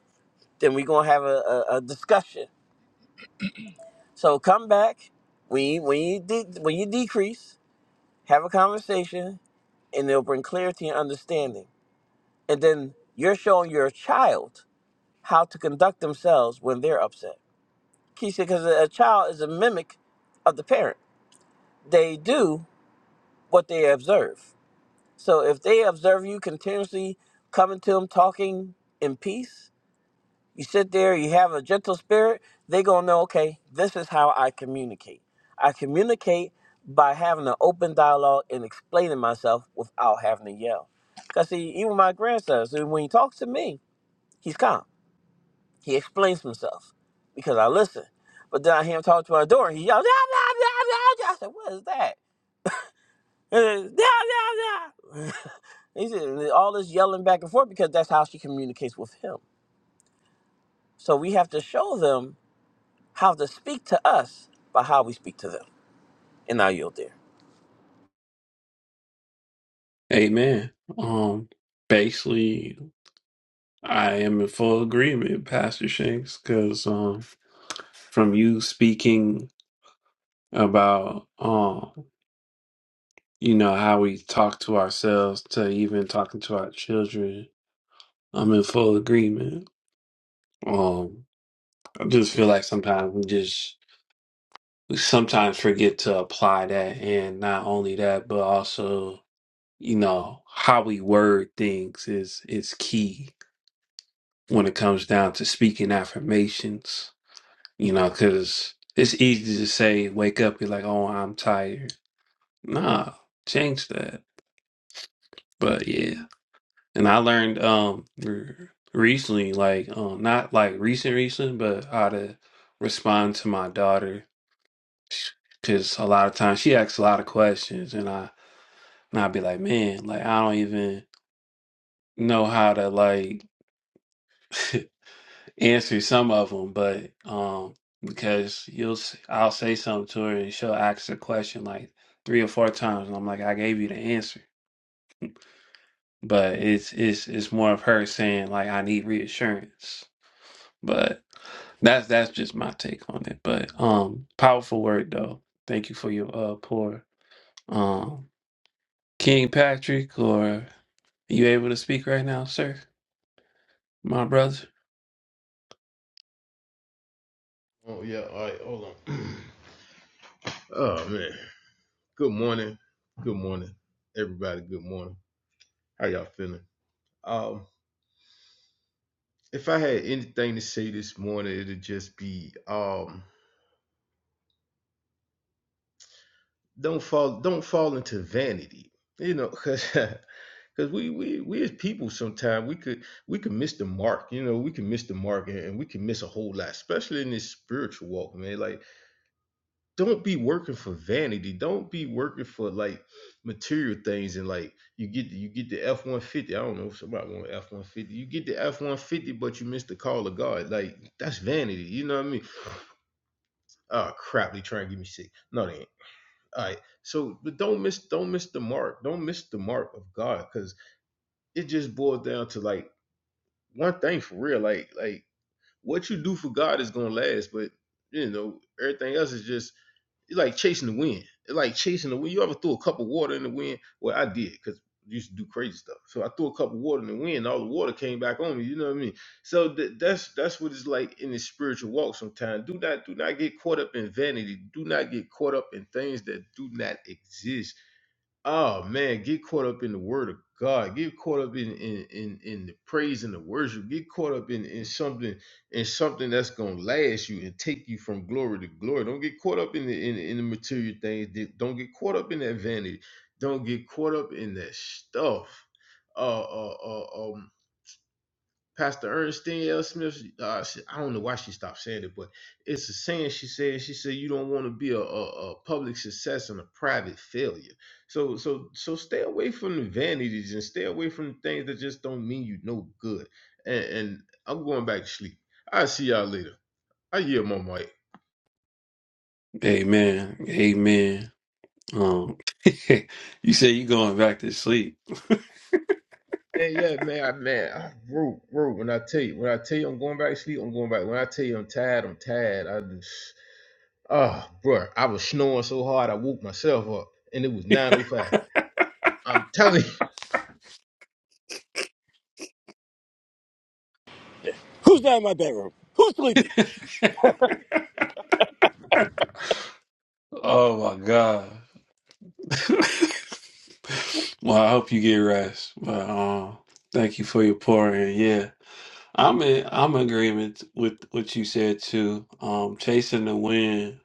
S4: then we're gonna have a, a, a discussion. So come back when you when you de- when you decrease. have a conversation and it'll bring clarity and understanding and then you're showing your child how to conduct themselves when they're upset Key because a child is a mimic of the parent they do what they observe so if they observe you continuously coming to them talking in peace You sit there, you have a gentle spirit, they gonna know, okay, this is how I communicate. I communicate by having an open dialogue and explaining myself without having to yell. Cause see, even my grandson, so when he talks to me, he's calm. He explains himself because I listen. But then I hear him talk to my daughter. he yells, "Ah, ah, ah, ah, ah." I said, what is that? "Ah, ah, ah." he said, all this yelling back and forth because that's how she communicates with him. So we have to show them how to speak to us by how we speak to them. And I yield there.
S1: Amen. Um, basically. I am in full agreement, Pastor Shanks, because um, from you speaking about um, you know how we talk to ourselves to even talking to our children, I'm in full agreement. Um, I just feel like sometimes we just we sometimes forget to apply that, and not only that, but also you know how we word things is is key when it comes down to speaking affirmations You know, because it's easy to say, wake up, you're like, oh, I'm tired. Nah, change that. But yeah. And I learned um re- recently, like, um, not like recent, recent, but how to respond to my daughter. Because a lot of times she asks a lot of questions, and I and I'd be like, man, like I don't even know how to like answer some of them, but um, because you'll s- I'll say something to her and she'll ask the question like three or four times, and I'm like, I gave you the answer, but it's it's it's more of her saying like I need reassurance, but that's that's just my take on it. But um, powerful word though. Thank you for your uh pour. Um, King Patrick, or you able to speak right now, sir? my brother.
S3: Oh yeah. All right. Hold on. oh man. Good morning. Good morning, everybody. Good morning. How y'all feeling? Um, if I had anything to say this morning, it'd just be um. don't fall don't fall into vanity you know because because we we we as people sometimes we could we could miss the mark you know we can miss the mark and, and we can miss a whole lot especially in this spiritual walk man like don't be working for vanity don't be working for like material things and like you get you get the f-150 i don't know if somebody want f-150 you get the f-150 but you miss the call of god like that's vanity you know what i mean oh crap they trying to get me sick no they ain't all right. So, but don't miss don't miss the mark. Don't miss the mark of God cuz it just boils down to like one thing for real like like what you do for God is going to last, but you know, everything else is just it's like chasing the wind. It's like chasing the wind. You ever threw a cup of water in the wind? Well, I did cuz used to do crazy stuff. So I threw a cup of water in the wind, and all the water came back on me, you know what I mean? So th- that's that's what it's like in the spiritual walk sometimes. Do not do not get caught up in vanity. Do not get caught up in things that do not exist Oh man, get caught up in the word of God. Get caught up in in in, in the praise and the worship. Get caught up in in something in something that's gonna last you and take you from glory to glory. Don't get caught up in the in, in the material things. Di- Don't get caught up in that vanity. Don't get caught up in that stuff. Uh, uh, uh, um, Pastor Ernestine L. Smith, uh, she- I don't know why she stopped saying it, but it's a saying she said. She said you don't want to be a, a, a public success and a private failure. So so so stay away from the vanities and stay away from the things that just don't mean you no good. And, and I'm going back to sleep. I'll see y'all later. I hear my mic.
S1: Amen. Amen. Um, you say you going back to sleep.
S3: Man, yeah, man, I, man, I wrote, wrote. When I tell you, when I tell you, I'm going back to sleep. I'm going back. When I tell you, I'm tired. I'm tired. I do. Oh, bro! I was snoring so hard I woke myself up, and it was 9:05. I'm telling
S4: Who's down in my bedroom? Who's sleeping?
S1: Oh my God. well, I hope you get rest. But um, thank you for your pouring. Yeah. I'm in I'm in agreement with what you said too. Um, chasing the wind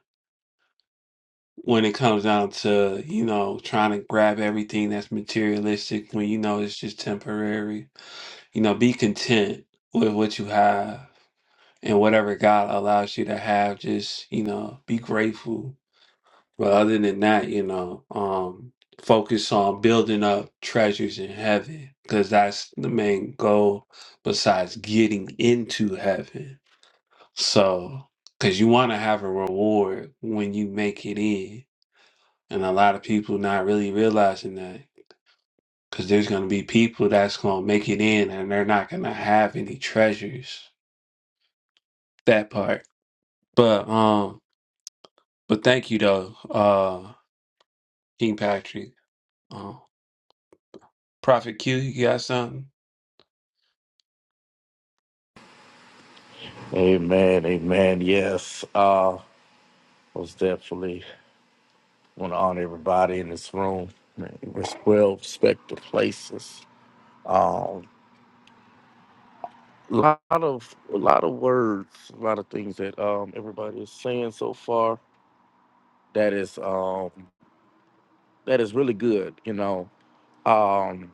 S1: when it comes down to, you know, trying to grab everything that's materialistic when you know it's just temporary. You know, be content with what you have and whatever God allows you to have, just, you know, be grateful. But other than that, you know, um, focus on building up treasures in heaven because that's the main goal besides getting into heaven So, because you want to have a reward when you make it in. And a lot of people not really realizing that because there's going to be people that's going to make it in and they're not going to have any treasures. That part. But, um, but thank you though, uh, King Patrick. Uh, Prophet Q, you got something?
S2: Amen, amen. Yes, uh, most definitely want to honor everybody in this room. It's well respected places. Um, a lot of a lot of words, a lot of things that um everybody is saying so far. That is um that is really good. You know, um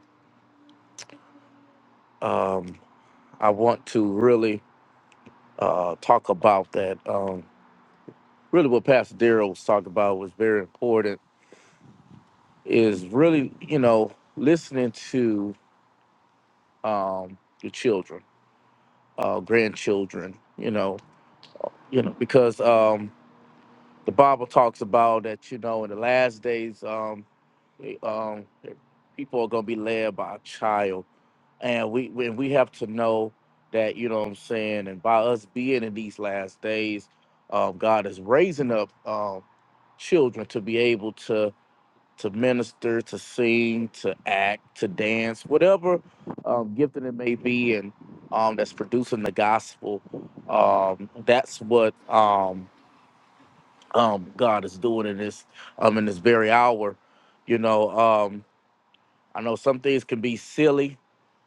S2: um I want to really uh talk about that. Um really what Pastor Daryl was talking about was very important is really, you know, listening to um your children, uh grandchildren, you know, you know, because um the Bible talks about that, you know, in the last days, um, um people are gonna be led by a child. And we when we have to know that, you know what I'm saying, and by us being in these last days, um, God is raising up um children to be able to to minister, to sing, to act, to dance, whatever um, gifting it may be, and um, that's producing the gospel. Um, that's what um, um, God is doing in this um, in this very hour. You know, um, I know some things can be silly,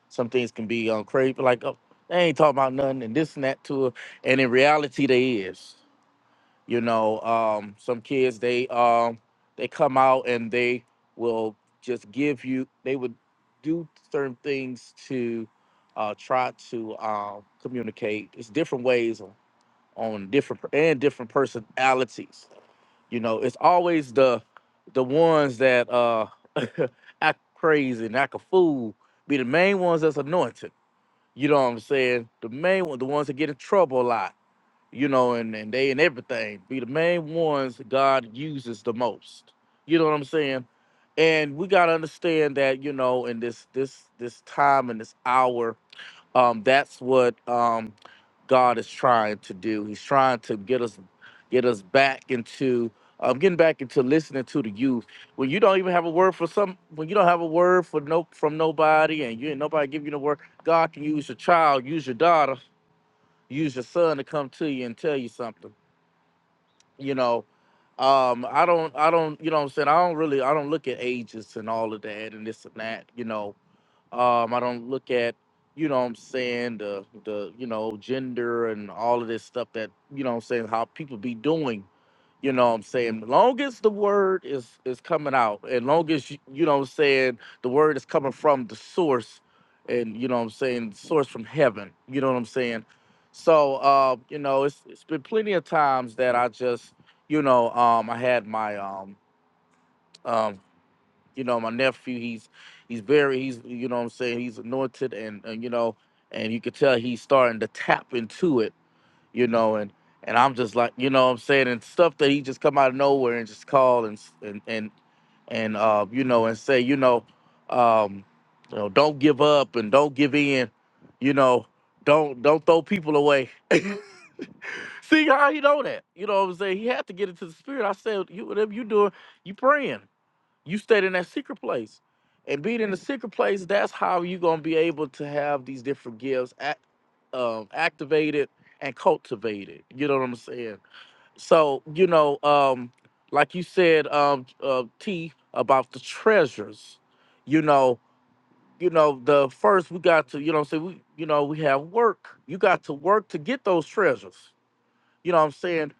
S2: some things can be um, crazy, like oh, they ain't talking about nothing and this and that to her, and in reality they is you know um, some kids they um, they come out and they will just give you they would do certain things to uh, try to um, communicate it's different ways on, on different and different personalities you know it's always the the ones that uh, act crazy and act a fool be the main ones that's anointed you know what i'm saying the main one the ones that get in trouble a lot you know, and, and they and everything be the main ones God uses the most. You know what I'm saying? And we gotta understand that, you know, in this this this time and this hour, um, that's what um God is trying to do. He's trying to get us get us back into um, getting back into listening to the youth. When you don't even have a word for some when you don't have a word for no from nobody and you ain't nobody giving you the word, God can use your child, use your daughter use your son to come to you and tell you something. You know, um, I don't, I don't, you know what I'm saying? I don't really, I don't look at ages and all of that and this and that, you know. Um, I don't look at, you know what I'm saying, the, the, you know, gender and all of this stuff that, you know what I'm saying, how people be doing you know what I'm saying? Long as the word is is coming out, and long as you, you know what I'm saying, the word is coming from the source, and you know what I'm saying, source from heaven. You know what I'm saying? So uh, you know, it's it's been plenty of times that I just, you know, um I had my um um you know, my nephew, he's he's very he's you know what I'm saying, he's anointed and, and you know, and you could tell he's starting to tap into it you know, and and I'm just like, you know what I'm saying, and stuff that he just come out of nowhere and just call and s- and and and uh, you know, and say, you know, um, you know, don't give up and don't give in, you know, don't don't throw people away. See how he know that? You know what I'm saying? He had to get into the spirit. I said, you whatever you doing, you praying. You stayed in that secret place. And being in the secret place, that's how you're gonna be able to have these different gifts act, um, activated and cultivated. You know what I'm saying? So, you know, um, like you said, um, uh, T about the treasures, you know, you know, the first we got to, you know, say we, you know, we have work. You got to work to get those treasures. You know what I'm saying?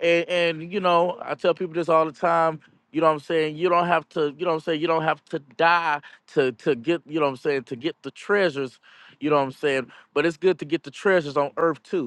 S2: And, and you know, I tell people this all the time. You know what I'm saying? You don't have to. You know what I'm saying? You don't have to die to to get. You know what I'm saying? To get the treasures. You know what I'm saying? But it's good to get the treasures on earth too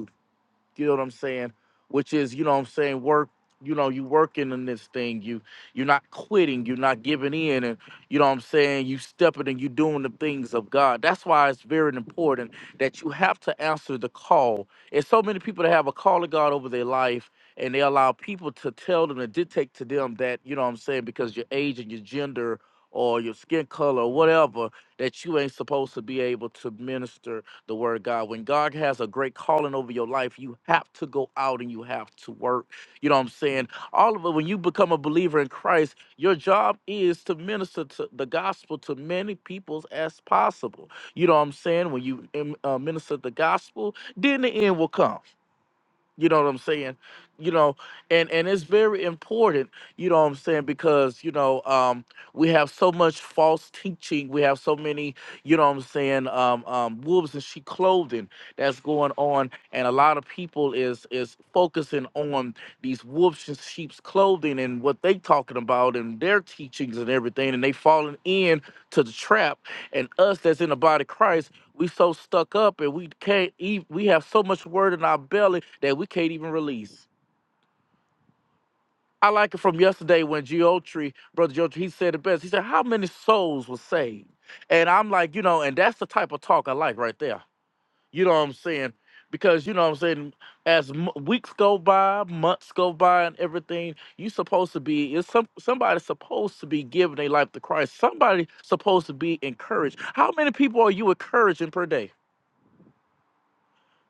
S2: you know what I'm saying? Which is, you know what I'm saying, work, you know, you working in this thing. You you're not quitting, you're not giving in, and you know what I'm saying, you stepping and you doing the things of God. That's why it's very important that you have to answer the call. And so many people that have a call of God over their life and they allow people to tell them and dictate to them that, you know what I'm saying, because your age and your gender or your skin color or whatever, that you ain't supposed to be able to minister the word of God. When God has a great calling over your life, you have to go out and you have to work. You know what I'm saying? All of it, when you become a believer in Christ, your job is to minister to the gospel to many peoples as possible. You know what I'm saying? When you um, uh, minister the gospel, then the end will come. You know what I'm saying? You know, and and it's very important, you know what I'm saying, because you know, um we have so much false teaching, we have so many, you know what I'm saying, um um wolves in sheep clothing that's going on and a lot of people is is focusing on these wolves and sheep's clothing and what they talking about and their teachings and everything and they falling in to the trap and us that's in the body of Christ we so stuck up and we can't even we have so much word in our belly that we can't even release. I like it from yesterday when Geotry, brother Geotry, he said it best. He said, How many souls were saved? And I'm like, you know, and that's the type of talk I like right there. You know what I'm saying? Because you know what I'm saying, as m- weeks go by, months go by, and everything, you supposed to be is some somebody's supposed to be giving their life to Christ. Somebody supposed to be encouraged. How many people are you encouraging per day?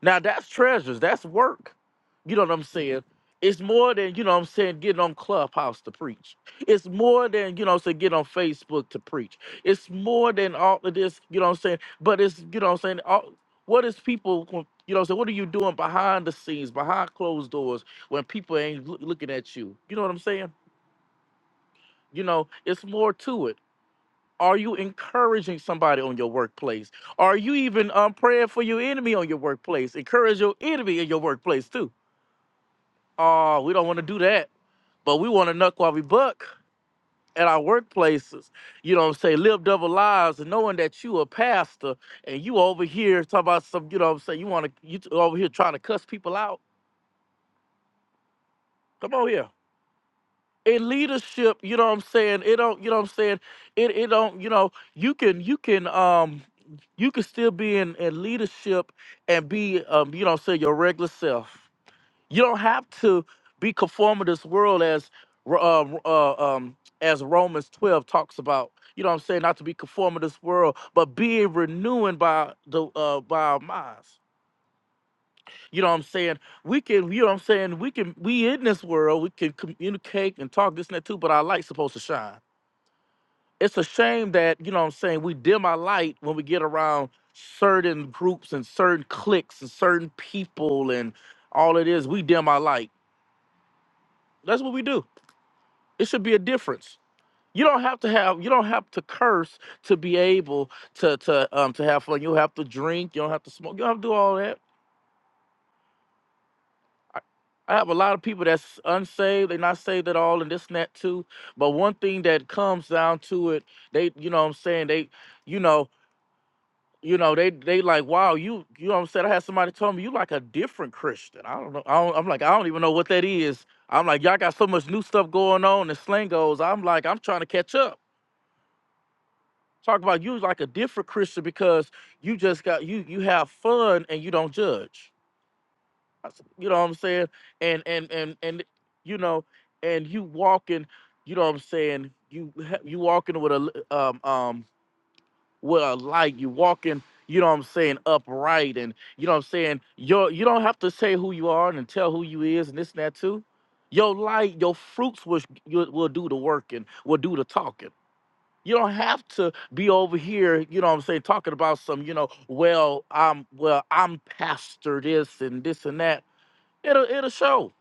S2: Now that's treasures. That's work. You know what I'm saying? It's more than, you know what I'm saying, getting on Clubhouse to preach. It's more than, you know what I'm saying, get on Facebook to preach. It's more than all of this, you know what I'm saying? But it's, you know what I'm saying, all, what is people, gon- you know what I'm saying, what are you doing behind the scenes, behind closed doors when people ain't loo- looking at you? You know what I'm saying? You know, it's more to it. Are you encouraging somebody on your workplace? Are you even um, praying for your enemy on your workplace? Encourage your enemy in your workplace too. Oh, we don't want to do that, but we want to knuck while we buck at our workplaces. You know what I'm saying? Live double lives and knowing that you a pastor and you over here talking about some, you know what I'm saying? You want to, you over here trying to cuss people out. Come on here. in leadership, you know what I'm saying? It don't, you know what I'm saying? It it don't, you know, you can you can um you can still be in, in leadership and be um, you know, what I'm saying your regular self. You don't have to be conformed to this world as Ro- uh, uh, um as Romans 12 talks about. You know what I'm saying? Not to be conformed to this world, but being renewing by the uh by our minds. You know what I'm saying? We can, you know what I'm saying? We can, we in this world, we can communicate and talk this and that too, but our light's supposed to shine. It's a shame that, you know what I'm saying, we dim our light when we get around certain groups and certain cliques and certain people and all it is, we dim our light. That's what we do. It should be a difference. You don't have to have, you don't have to curse to be able to to um to have fun. You don't have to drink, you don't have to smoke, you don't have to do all that I I have a lot of people that's unsaved. They're not saved at all, and this and that too. But one thing that comes down to it, they, you know, what I'm saying they, you know, you know, they, they like, wow, you, you know, what I'm saying I had somebody tell me you like a different Christian. I don't know. I don't, I'm like, I don't even know what that is. I'm like, y'all got so much new stuff going on and slingos. I'm like, I'm trying to catch up. Talk about you like a different Christian because you just got you, you have fun and you don't judge. you know what I'm saying? And and and and you know, and you walking, you know what I'm saying? You ha- you walking with a l- um um with a light. You walking, you know what I'm saying, upright, and you know what I'm saying. Your you don't have to say who you are and tell who you is and this and that too. Your light, your fruits will will will do the working, will do the talking. You don't have to be over here, you know what I'm saying, talking about some, you know, well, I'm well, I'm pastor this and this and that It'll it'll show.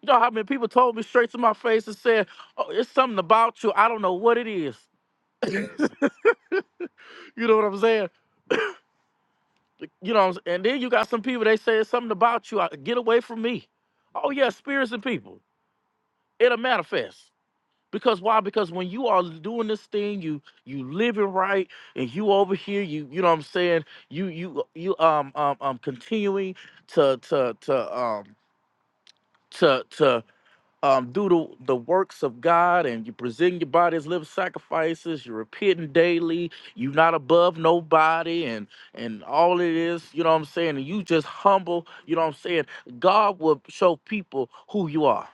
S2: You know how many people told me straight to my face and said, "Oh, it's something about you. I don't know what it is." You know what I'm saying? You know, what I'm s- and then you got some people they say it's something about you. I- Get away from me. Oh yeah, spirits and people. It'll manifest because why? Because when you are doing this thing, you you living right, and you over here, you you know what I'm saying? You you you um um um continuing to to to um to to. um, do the, the works of God and you present your body as living sacrifices, you're repenting daily, you're not above nobody, and and all it is, you know what I'm saying, and you just humble, you know what I'm saying, God will show people who you are.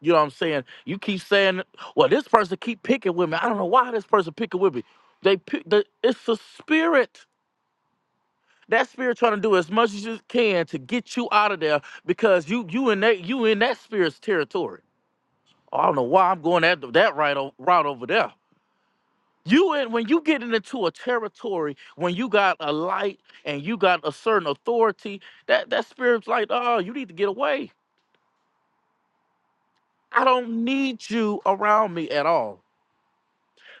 S2: You know what I'm saying? You keep saying, well, this person keep picking with me. I don't know why this person picking with me. They, pick, the it's a spirit. That spirit trying to do as much as you can to get you out of there because you you in that you in that spirit's territory. I don't know why I'm going that that right o- route over there. You and when you get into a territory when you got a light and you got a certain authority, that that spirit's like, oh, you need to get away. I don't need you around me at all.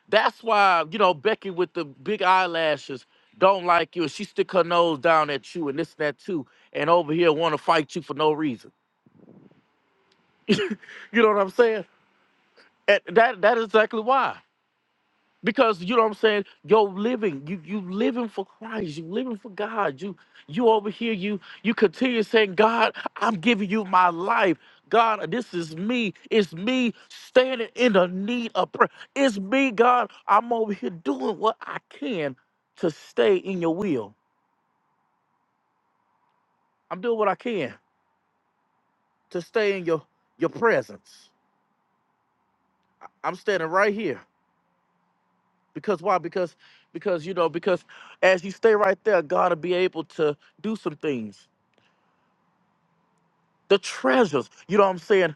S2: That's why you know Becky with the big eyelashes don't like you. and She stick her nose down at you and this and that too, and over here want to fight you for no reason. you know what I'm saying? And that that is exactly why. because you know what I'm saying. You're living, you you living for Christ, you living for God. You you over here, you you continue saying, God, I'm giving you my life. God, this is me. It's me standing in the need of prayer. It's me, God. I'm over here doing what I can to stay in your will. I'm doing what I can to stay in your your presence. I'm standing right here because why? Because because you know because as you stay right there, God will be able to do some things the treasures. You know what I'm saying?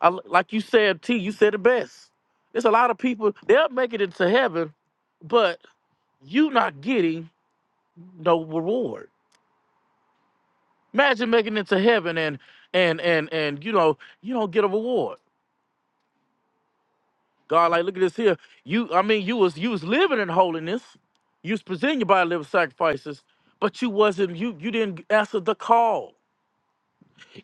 S2: I, like you said, T, you said it best. There's a lot of people, they'll make it into heaven, but you not getting no reward. Imagine making it to heaven and and and and you know, you don't get a reward. God, like, look at this here. You I mean you was you was living in holiness. You was presenting your body living sacrifices, but you wasn't you you didn't answer the call.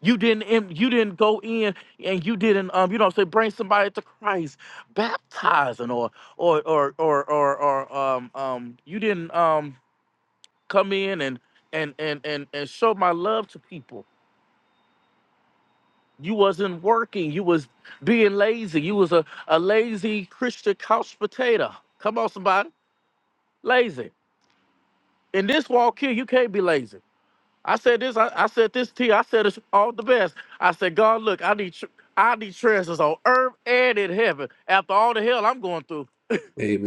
S2: You didn't em- you didn't go in and you didn't um you know say bring somebody to Christ, baptizing or or or or or, or um um you didn't um come in and and and and and show my love to people. You wasn't working. You was being lazy. You was a, a lazy Christian couch potato. Come on, somebody, lazy. In this walk here, you can't be lazy. I said this. I, I said this to you. I said it's all the best. I said, God, look, I need tr- I need treasures on earth and in heaven. After all the hell I'm going through,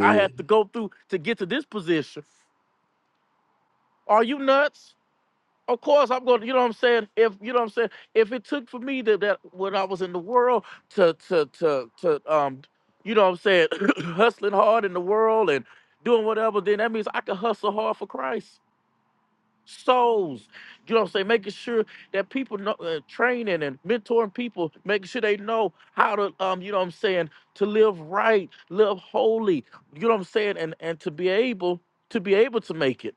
S2: I have to go through to get to this position. Are you nuts? Of course I'm going. to You know what I'm saying? If you know what I'm saying, if it took for me that, that when I was in the world to to to to um, you know what I'm saying, hustling hard in the world and doing whatever, then that means I can hustle hard for Christ. souls. You know what I'm saying? Making sure that people know, uh, training and mentoring people, making sure they know how to, um, you know what I'm saying, to live right, live holy. You know what I'm saying? And and to be able to be able to make it,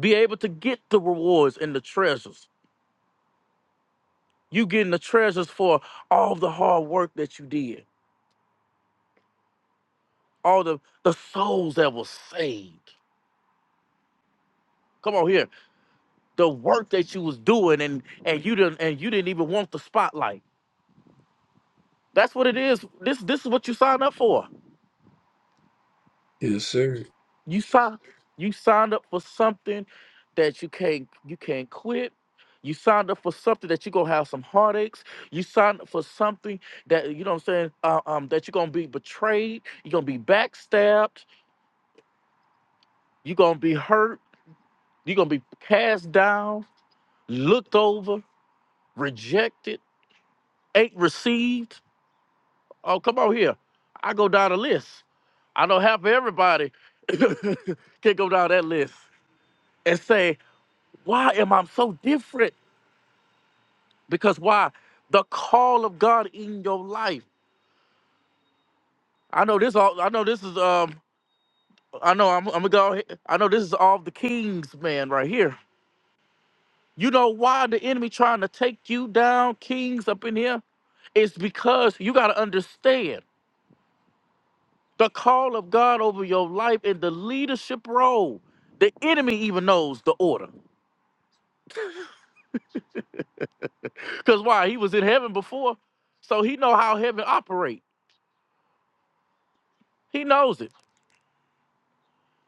S2: be able to get the rewards and the treasures. You getting the treasures for all the hard work that you did, all the the souls that was saved. Come on here, the work that you was doing, and and you didn't and you didn't even want the spotlight That's what it is. This this is what you signed up for.
S1: Yes, sir.
S2: You sign you signed up for something that you can't you can't quit. You signed up for something that you're gonna have some heartaches. You signed up for something that you know what I'm saying, uh, um, that you're gonna be betrayed, you're gonna be backstabbed, you're gonna be hurt, you're gonna be cast down, looked over, rejected, ain't received. Oh, come on here. I go down the list. I know half of everybody can't go down that list. and say, Why am I so different? Because why? The call of God in your life. I know this all I know this is um I know I'm, I'm gonna go ahead. I know this is all the king's man right here. You know why the enemy trying to take you down, kings up in here? It's because you gotta understand the call of God over your life and the leadership role. The enemy even knows the order. Cause why? He was in heaven before, so he know how heaven operate. He knows it.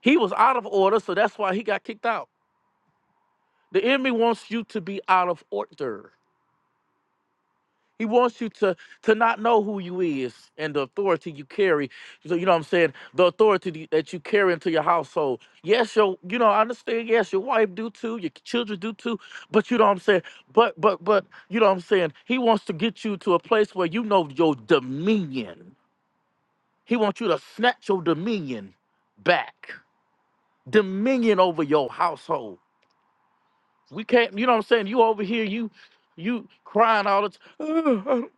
S2: He was out of order, so that's why he got kicked out. The enemy wants you to be out of order. He wants you to to not know who you is and the authority you carry. So you know what I'm saying? The authority that you carry into your household. Yes, your you know, I understand, yes, your wife do too, your children do too, but you know what I'm saying? But but but you know what I'm saying? He wants to get you to a place where you know your dominion. He wants you to snatch your dominion back. Dominion over your household We can't, you know what I'm saying? You over here, you you crying all the time. Oh, oh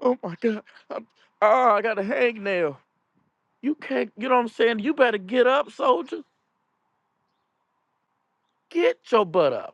S2: oh my God. I'm, oh, I got a hangnail. You can't, you know what I'm saying? You better get up, soldier. Get your butt up.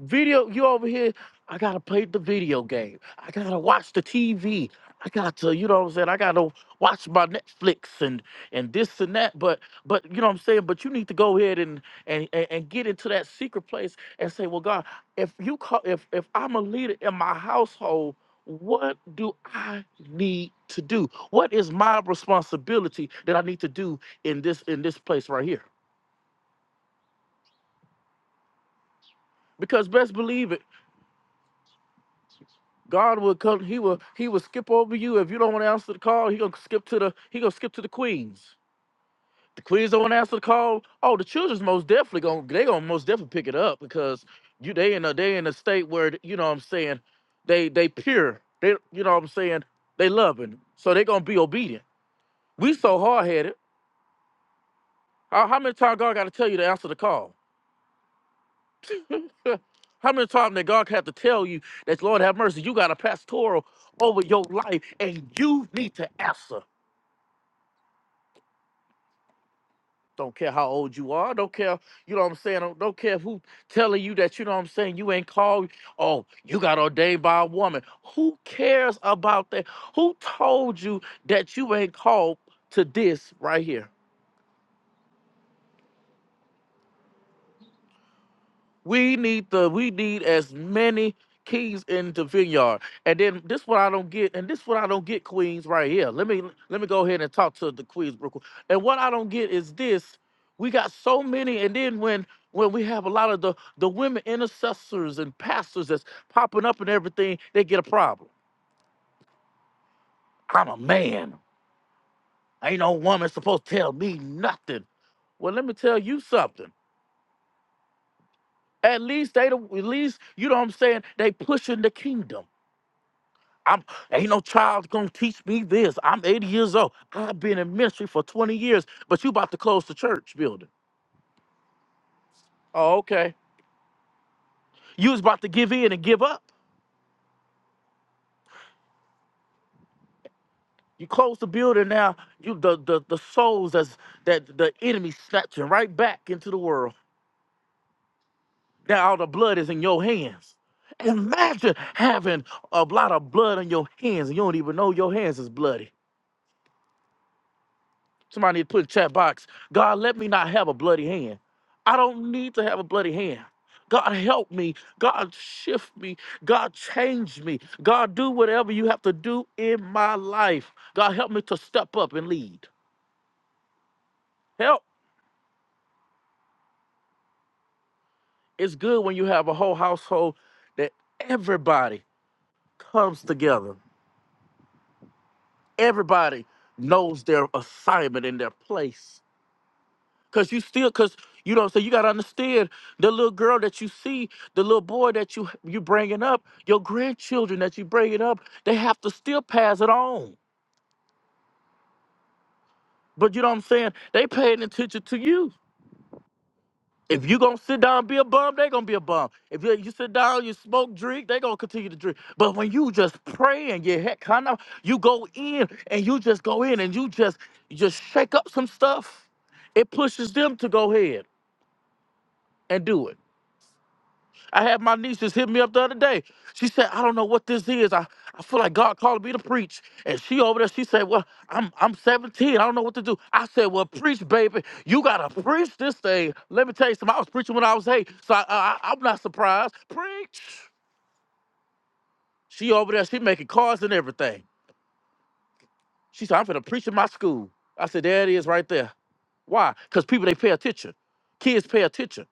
S2: Video, you over here. I gotta play the video game. I gotta watch the TV. I got to, you know what I'm saying? I gotta watch my Netflix and and this and that. But but you know what I'm saying? But you need to go ahead and and and, and get into that secret place and say, well, God, if you call if if I'm a leader in my household, what do I need to do? What is my responsibility that I need to do in this in this place right here? Because best believe it God will come. He will. He will skip over you if you don't want to answer the call. He gonna skip to the. He gonna skip to the queens. The queens don't want to answer the call. Oh, the children's most definitely gonna. They gonna most definitely pick it up because you. They in a. They in a state where you know what I'm saying. They they pure. They you know what I'm saying. They loving. So they gonna be obedient. We so hard headed. How, how many times God got to tell you to answer the call? How many times did God have to tell you that, Lord have mercy, you got a pastoral over your life and you need to answer? Don't care how old you are. Don't care, you know what I'm saying? Don't, don't care who telling you that, you know what I'm saying? You ain't called. Oh, you got ordained by a woman. Who cares about that? Who told you that you ain't called to this right here? We need the we need as many keys in the vineyard. And then this what I don't get, and this what I don't get, Queens, right here. Let me let me go ahead and talk to the Queens Brooklyn. And what I don't get is this. We got so many, and then when when we have a lot of the the women intercessors and pastors that's popping up and everything, they get a problem. I'm a man. Ain't no woman supposed to tell me nothing. Well, let me tell you something. At least they don't, at least, you know what I'm saying? They pushing the kingdom. I'm ain't no child gonna teach me this. I'm 80 years old. I've been in ministry for 20 years, but you about to close the church building. Oh, okay. You was about to give in and give up. You close the building now. You the the, the souls that's that the enemy snatching right back into the world. Now all the blood is in your hands. Imagine having a lot of blood on your hands and you don't even know your hands is bloody. Somebody put in the chat box, God, let me not have a bloody hand. I don't need to have a bloody hand. God, help me. God, shift me. God, change me. God, do whatever you have to do in my life. God, help me to step up and lead. Help. It's good when you have a whole household that everybody comes together. Everybody knows their assignment and their place. Cause you still, cause you know, so you gotta understand the little girl that you see, the little boy that you you bringing up, your grandchildren that you bringing up, they have to still pass it on. But you know what I'm saying? They paying attention to you. If you gonna sit down and be a bum, they gonna be a bum. If you, you sit down, you smoke, drink, they gonna continue to drink. But when you just pray and you heck kind of, you go in and you just go in and you just you just shake up some stuff. It pushes them to go ahead and do it. I had my nieces hit me up the other day. She said, I don't know what this is. I, I feel like God called me to preach. And she over there, she said, Well, I'm I'm 17. I don't know what to do. I said, Well, preach, baby. You gotta preach this thing. Let me tell you something. I was preaching when I was eight. So I, I I- I'm not surprised. Preach. She over there, she making cards and everything. She said, I'm gonna preach in my school. I said, There it is right there. Why? Because people they pay attention. Kids pay attention.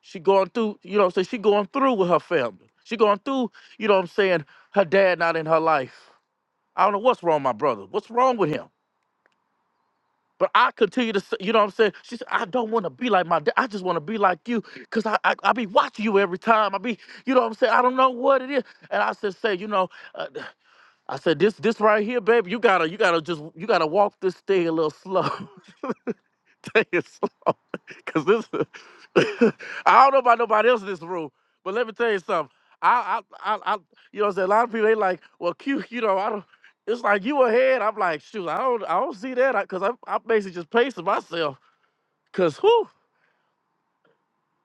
S2: She going through, you know, so she going through with her family. She going through, you know what I'm saying, her dad not in her life. I don't know what's wrong with my brother. What's wrong with him? But I continue to, s- you know what I'm saying? She said, I don't want to be like my dad. I just want to be like you because I, I, I be watching you every time. I be, you know what I'm saying? I don't know what it is. And I said, say, you know, uh, I said, this this right here, baby, you gotta, you gotta just, you gotta walk this thing a little slow. Take it slow. Cause this, I don't know about nobody else in this room, but let me tell you something. I, I, I, I you know, what I'm saying a lot of people they like, well, Q, you know, I don't. It's like you ahead. I'm like, shoot, I don't, I don't see that, I, cause I'm, I'm basically just pacing myself, cause who,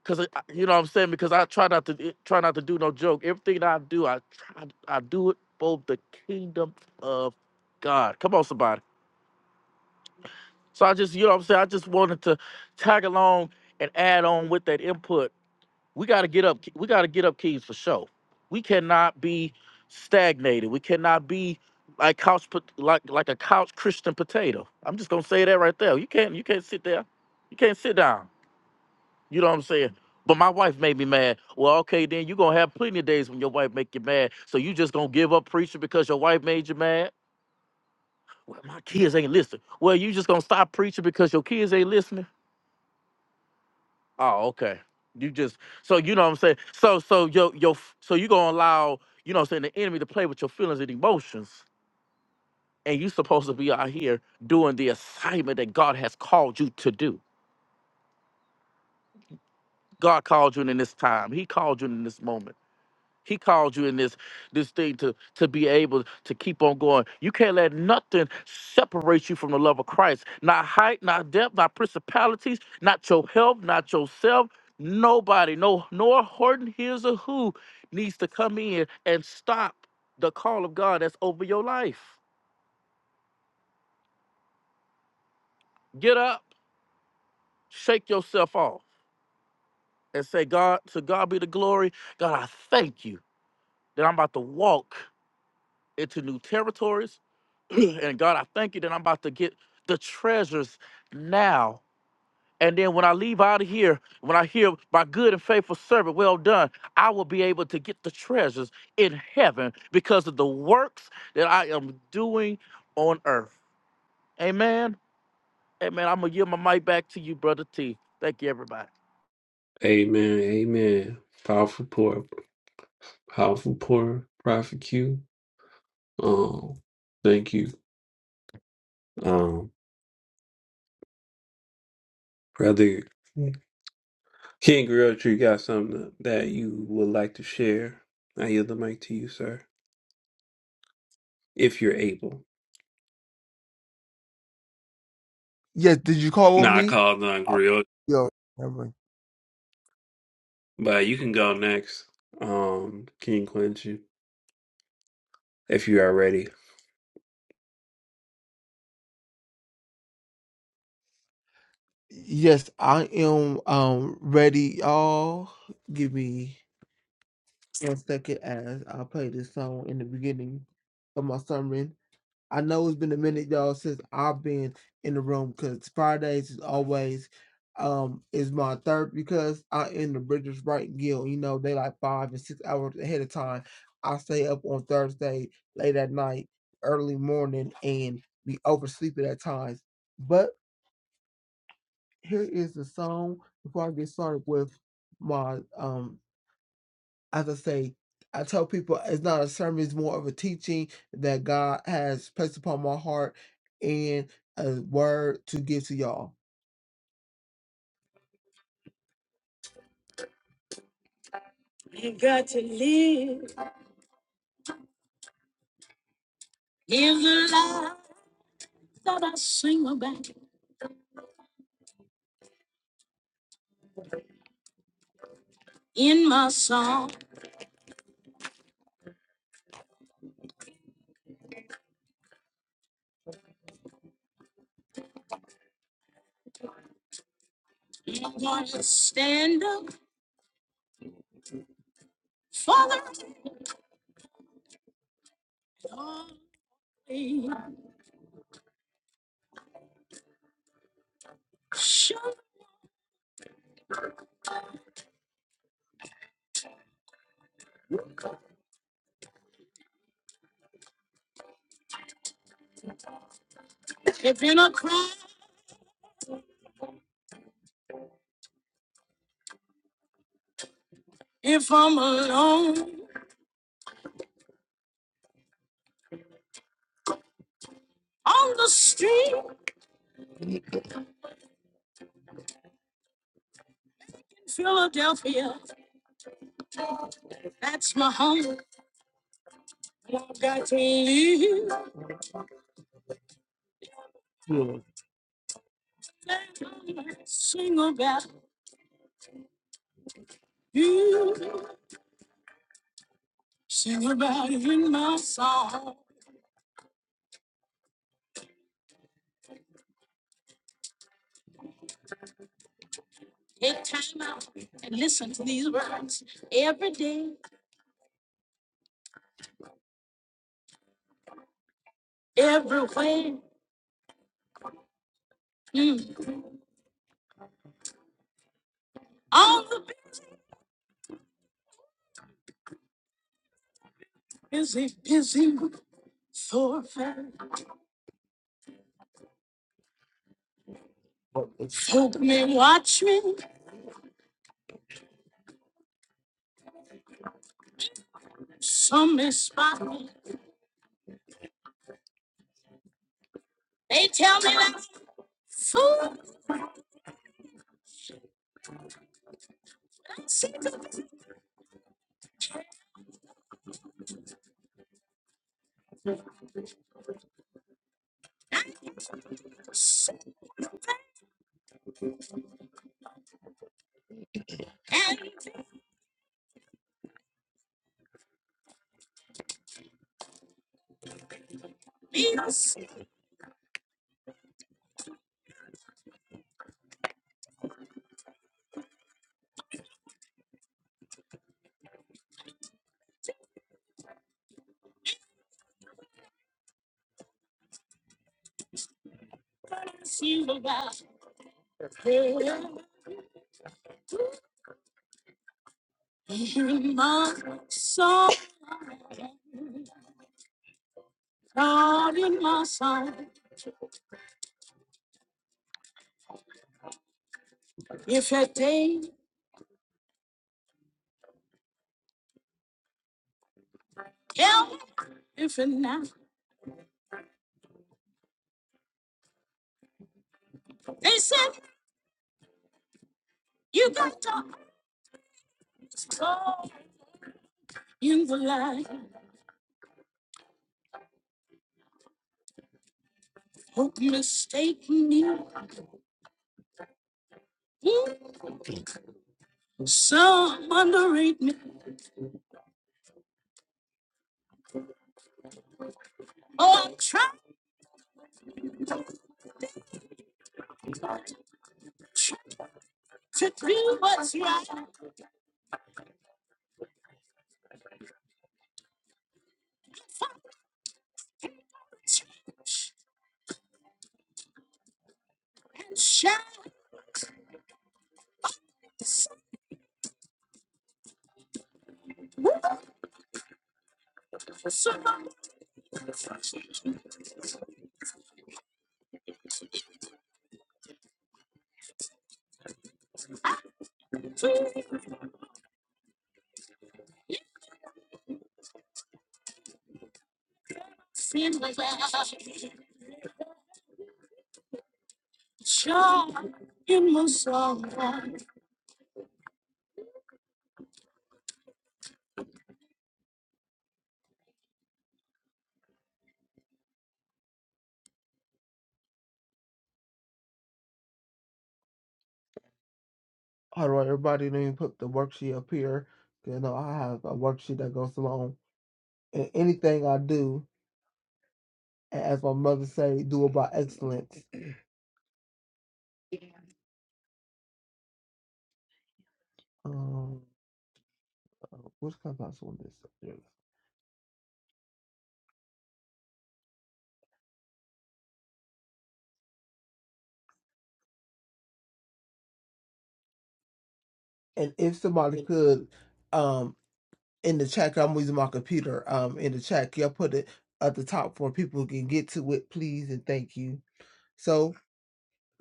S2: cause I- you know what I'm saying, because I try not to, try not to do no joke. Everything that I do, I try, I do it for the kingdom of God. Come on, somebody. So I just, you know what I'm saying, I just wanted to tag along and add on with that input we got to get up we got to get up keys for sure we cannot be stagnated we cannot be like couch pot- like like a couch christian potato i'm just gonna say that right there you can't you can't sit there you can't sit down you know what i'm saying but my wife made me mad well okay then you're gonna have plenty of days when your wife make you mad so you just gonna give up preaching because your wife made you mad well my kids ain't listening well you just gonna stop preaching because your kids ain't listening Oh, okay. You just so you know what I'm saying. So so yo yo f- so you gonna allow you know what I'm saying the enemy to play with your feelings and emotions, and you supposed to be out here doing the assignment that God has called you to do. God called you in this time. He called you in this moment. He called you in this this thing to to be able to keep on going. You can't let nothing separate you from the love of Christ. Not height, not depth, not principalities, not your health, not yourself. Nobody, no, nor Horton, here's a who needs to come in and stop the call of God that's over your life. Get up, shake yourself off, and say, God, to God be the glory. God, I thank you that I'm about to walk into new territories. and God, I thank you that I'm about to get the treasures now. And then when I leave out of here, when I hear my good and faithful servant, well done, I will be able to get the treasures in heaven because of the works that I am doing on earth. Amen. Amen. I'm going to give my mic back to you, Brother T. Thank you, everybody.
S1: Amen. Amen. Powerful poor, powerful poor prophet Q. Um, thank you. Um, brother King Realtor, you got something that you would like to share? I yield the mic to you, sir, if you're able.
S5: Yes, did you call on
S1: Nah, I
S5: me?
S1: called on
S5: Oh,
S1: Grill,
S5: Yo, never mind.
S1: but you can go next. Um, King Quincy. if you are ready.
S5: Yes, I am um ready, y'all. Give me one second as I play this song in the beginning of my sermon. I know it's been a minute, y'all, since I've been in the room because Fridays is always um is my third because I in the Bridges Right Guild. You know, they like five and six hours ahead of time. I stay up on Thursday late at night, early morning, and be oversleeping at times. But here is the song before I get started with my um as I say, I tell people it's not a sermon, it's more of a teaching that God has placed upon my heart and a word to give to y'all. You got to live in the life that I sing about in my song. I'm going to stand up for the Lord. Sure, if in a crowd, if I'm alone, on the street in Philadelphia, that's my home. I've got to live. Yeah. Sing about you. Sing about it in my song. Take time out and listen to these words every day, everywhere. Mm. All the busy, busy thoroughfare. What is Folk may watch me, some may spot me. They tell me that I'm a fool, that's it, and me to see about In my soul, God in my soul. If a day, hell, if a night, they said you got to go in the light. Hope mistake me. Ooh, Some underrate me. Oh, I'm trying to do what's right and shine. Some feel well. Joy in my soul. How do everybody then put the worksheet up here. You know, I have a worksheet that goes along. And anything I do, a- as my mother say, do about excellence. Um, uh, which clubhouse one is up And if somebody could, um, in the chat, 'cause I'm using my computer. Um, in the chat, y'all put it at the top for people who can get to it, please and thank you. So,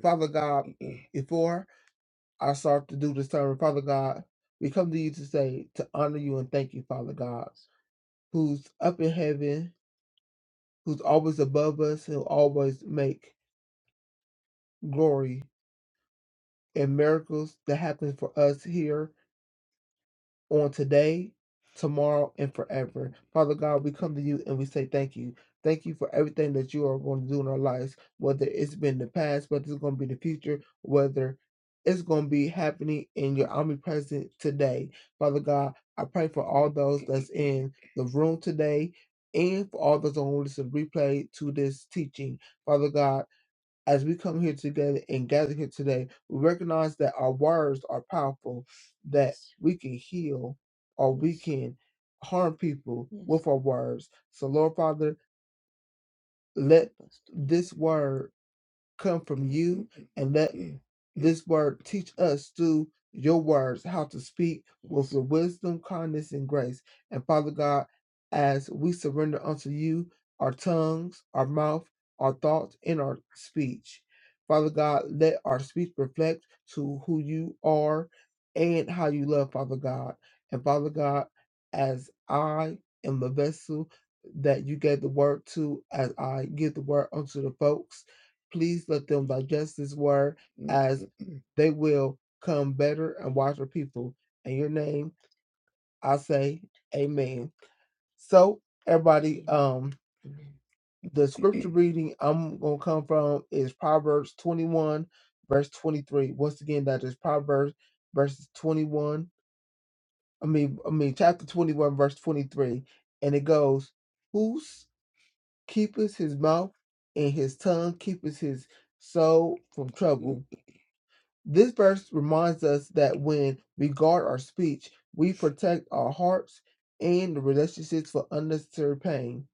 S5: Father God, before I start to do this sermon, Father God, we come to you to say to honor you and thank you, Father God. who's up in heaven, who's always above us, who always make glory and miracles that happen for us here on today, tomorrow, and forever. Father God, we come to you and we say thank you. Thank you for everything that you are going to do in our lives, whether it's been the past, whether it's going to be the future, whether it's going to be happening in your omnipresent today. Father God, I pray for all those that's in the room today and for all those on listen replay to this teaching. Father God, as we come here together and gather here today, we recognize that our words are powerful, that Yes. we can heal or we can harm people Yes. with our words. So, Lord Father, let Help us, Lord. this word come from you and let this word teach us through your words how to speak with the wisdom, kindness, and grace. And Father God, as we surrender unto you our tongues, our mouth, our thoughts, and our speech. Father God, let our speech reflect to who you are and how you love, Father God. And Father God, as I am the vessel that you gave the word to, as I give the word unto the folks, Please let them digest this word as they will come better and wiser people. In your name, I say amen. So, everybody, um, the scripture reading I'm going to come from is Proverbs 21, verse 23. Once again, that is Proverbs verses 21. I mean, I mean, chapter 21, verse 23. And it goes, Who keepeth his mouth and his tongue keepeth his soul from trouble? This verse reminds us that when we guard our speech, we protect our hearts and the relationships for unnecessary pain.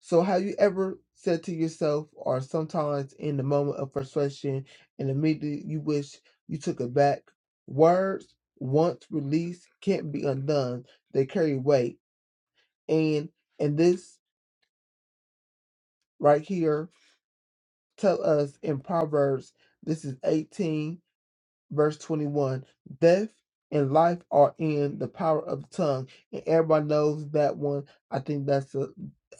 S5: So, have you ever said to yourself, or sometimes in the moment of frustration, and immediately you wish you took it back? Words, once released, can't be undone. They carry weight, and and this right here tell us in Proverbs, this is 18 verse 21 death and life are in the power of the tongue and everybody knows that one i think that's a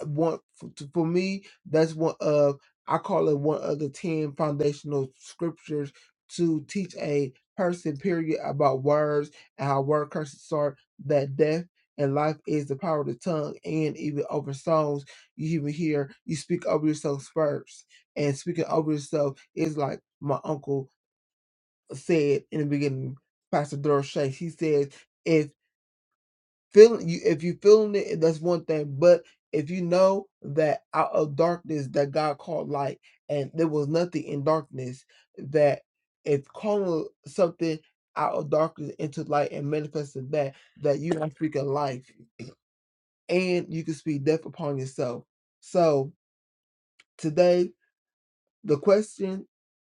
S5: one for, me that's one of i call it one of the 10 foundational scriptures to teach a person period about words and how word curses are that death and life is the power of the tongue and even over songs you even hear you speak over yourself first and speaking over yourself is like my uncle said in the beginning, Pastor Doris Shay, she says, if feeling you if you feeling it, that's one thing. But if you know that out of darkness that God called light and there was nothing in darkness, that if calling something out of darkness into light and manifesting that, that you are speaking life and you can speak death upon yourself. So today the question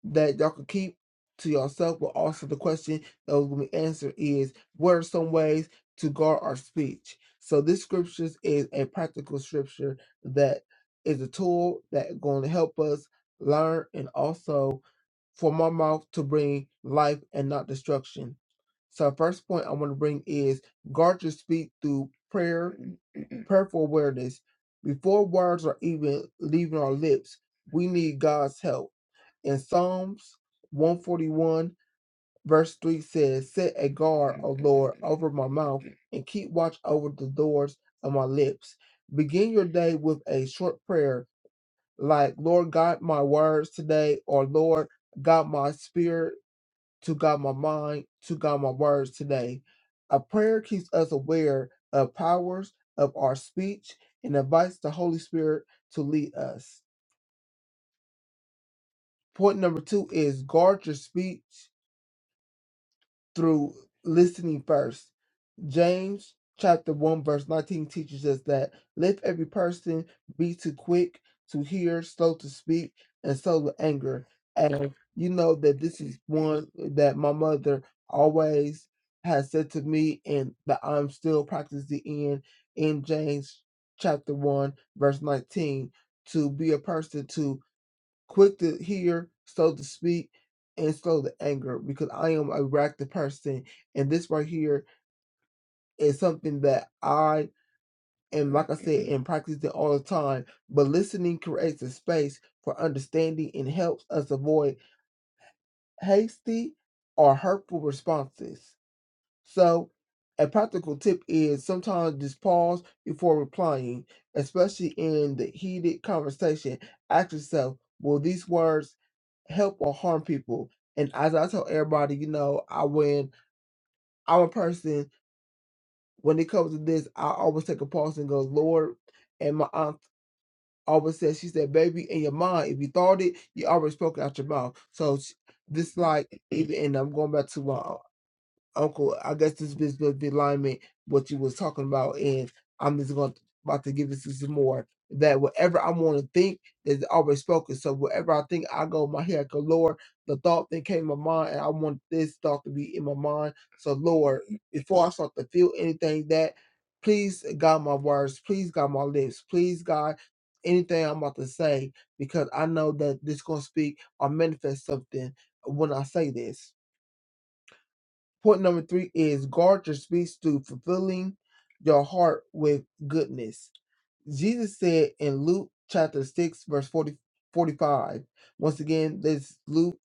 S5: that y'all can keep to yourself, but also the question that was going to be answered is what are some ways to guard our speech? So this scripture is a practical scripture that is a tool that going to help us learn and also for my mouth to bring life and not destruction. So first point I want to bring is guard your speech through prayer, prayerful awareness. Before words are even leaving our lips, we need God's help in Psalms 141, verse 3 says, Set a guard, O Lord, over my mouth, and keep watch over the doors of my lips. Begin your day with a short prayer, like, Lord God, my words today, or Lord God, my spirit, to God, my mind, to God, my words today. A prayer keeps us aware of powers of our speech and invites the Holy Spirit to lead us. Point number two is guard your speech through listening first. James chapter 1 verse 19 teaches us that let every person be too quick to hear, slow to speak, and slow to anger. And you know that this is one that my mother always has said to me and that I'm still practicing in in James chapter 1 verse 19 to be a person to quick to hear, slow to speak, and slow to anger because I am a reactive person. And this right here is something that I am, like I said, and practice it all the time. But listening creates a space for understanding and helps us avoid hasty or hurtful responses. So, a practical tip is sometimes just pause before replying, especially in the heated conversation. Ask yourself, will these words help or harm people? And as I tell everybody, you know, I when I'm a person, when it comes to this, I always take a pause and go, Lord, and my aunt always says, she said, baby, in your mind, if you thought it, you already spoke it out your mouth. So sh- this like, even, and I'm going back to my Uncle, I guess this business be alignment what you was talking about, and I'm just going to, about to give this some more. That whatever I want to think is always spoken. So whatever I think, I go. My head, Cause Lord, the thought that came to my mind, and I want this thought to be in my mind. So Lord, before I start to feel anything that, please God my words, please God my lips, please God anything I'm about to say, because I know that this gonna speak or manifest something when I say this. Point number three is guard your speech through fulfilling your heart with goodness. Jesus said in Luke chapter 6, verse 40 45. Once again, this Luke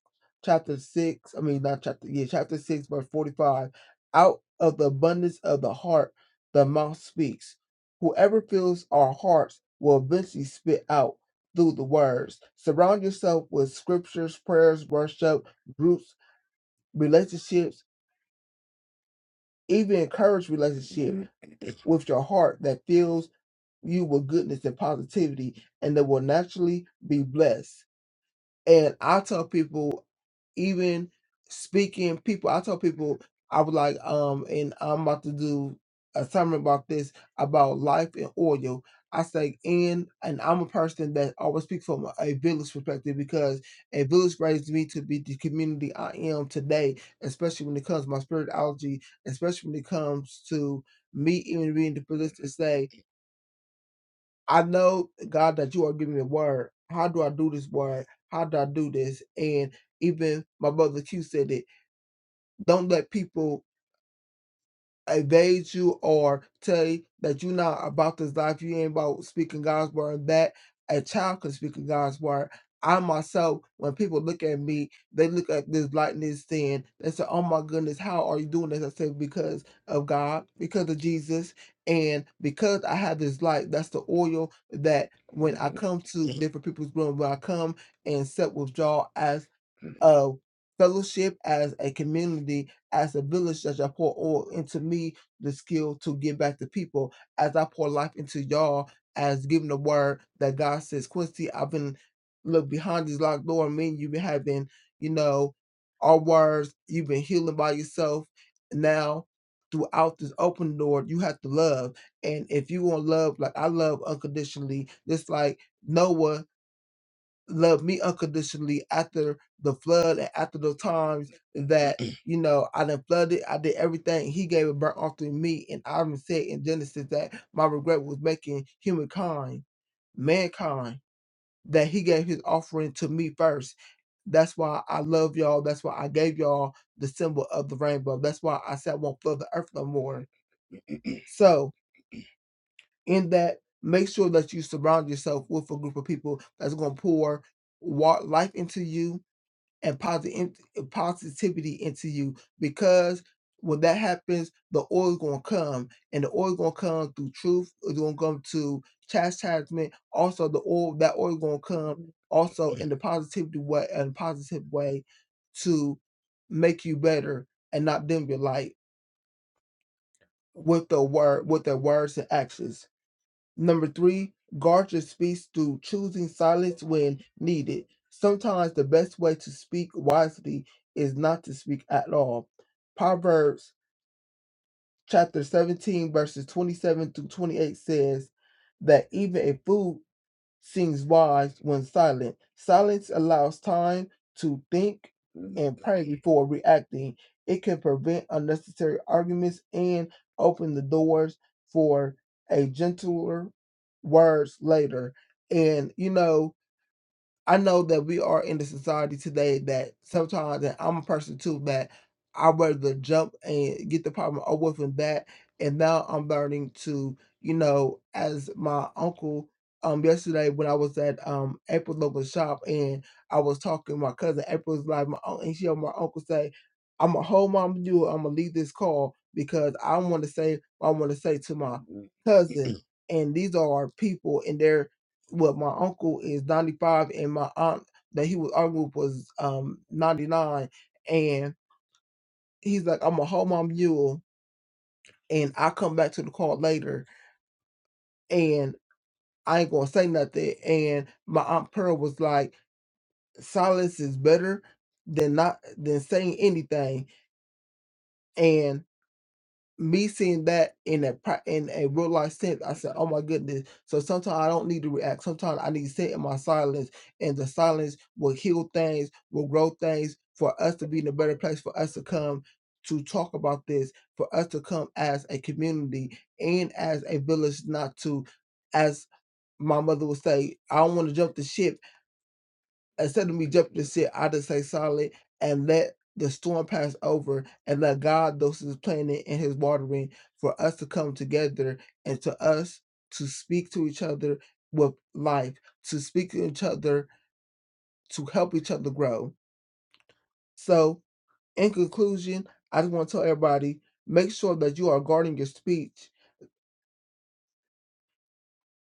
S5: chapter 6, I mean, not chapter, yeah, chapter 6, verse 45. Out of the abundance of the heart, the mouth speaks. Whoever fills our hearts will eventually spit out through the words. Surround yourself with scriptures, prayers, worship, groups, relationships even encourage relationship with your heart that fills you with goodness and positivity and that will naturally be blessed and I tell people, even speaking, people, I tell people, I was like, um, and I'm about to do a sermon about this about life and oil. I say, and and I'm a person that always speak from a village perspective because a village raised me to be the community I am today, especially when it comes to my spirituality, especially when it comes to me even being the position to say. I know, God, that you are giving me a word. How do I do this word? How do I do this? And even my brother Q said it. Don't let people Evade you or tell you that you're not about this life, you ain't about speaking God's word, that a child can speak in God's word. I myself, when people look at me, they look at this lightness sin. They say, Oh my goodness, how are you doing this? I say, Because of God, because of Jesus, and because I have this light, that's the oil that when I come to different people's room, when I come and set withdrawal as of fellowship, as a community, as a village that I pour oil into me, the skill to give back to people, as I pour life into y'all, as giving the word that God says, Quincy, I've been look behind this locked door, me and you've been having, you know, our words, you've been healing by yourself. Now throughout this open door, you have to love. And if you want love, like I love unconditionally, just like Noah loved me unconditionally after the flood and after the times that you know I done flooded, I did everything. He gave a burnt offering me, and I even said in Genesis that my regret was making humankind, mankind, that he gave his offering to me first. That's why I love y'all. That's why I gave y'all the symbol of the rainbow. That's why I said I won't flood the earth no more. So in that, make sure that you surround yourself with a group of people that's gonna pour wa- life into you and positive positivity into you because when that happens, the oil is gonna come, and the oil gonna come through truth. It's gonna come to chastisement. Also, the oil that oil gonna come also in the positivity way and positive way to make you better and not dim your light with the word with their words and actions. Number three, Gardner speaks to choosing silence when needed. Sometimes the best way to speak wisely is not to speak at all. Proverbs chapter 17, verses 27 to 28 says that even a fool seems wise when silent. Silence allows time to think and pray before reacting. It can prevent unnecessary arguments and open the doors for a gentler words later. And you know, I know that we are in the society today that sometimes, and I'm a person too, that I would rather jump and get the problem over with and that. And now I'm learning to, you know, as my uncle um yesterday when I was at um April's local shop and I was talking to my cousin, April was like my uncle and she heard my uncle say, I'm a whole mom to do it, I'm gonna leave this call because I wanna say what I wanna say to my cousin. And these are people and they're well, my uncle is 95 and my aunt that he was arguing with was um 99. And he's like, I'm gonna hold my mule and i come back to the car later and I ain't gonna say nothing. And my aunt Pearl was like, silence is better than not than saying anything. me seeing that in a pra- in a real life sense, I said, "Oh my goodness!" So sometimes I don't need to react. Sometimes I need to sit in my silence, and the silence will heal things, will grow things for us to be in a better place, for us to come to talk about this, for us to come as a community and as a village, not to, as my mother would say, "I don't want to jump the ship." instead of me jumping the ship, I just say solid and let the storm pass over and let God those his planning and his watering for us to come together and to us to speak to each other with life, to speak to each other, to help each other grow. So in conclusion, I just want to tell everybody, make sure that you are guarding your speech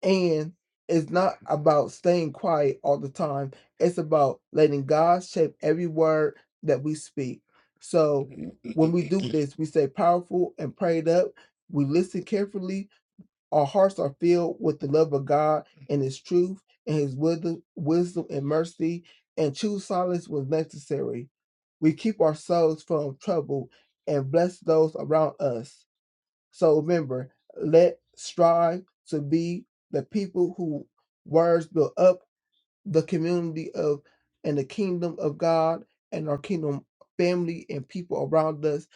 S5: And it's not about staying quiet all the time. It's about letting God shape every word that we speak. So when we do this, we stay powerful and prayed up. We listen carefully. Our hearts are filled with the love of God and His truth and His wisdom, wisdom and mercy, and choose silence when necessary. We keep our souls from trouble and bless those around us. So remember, let strive to be the people who words build up the community of and the kingdom of God and our kingdom family and people around us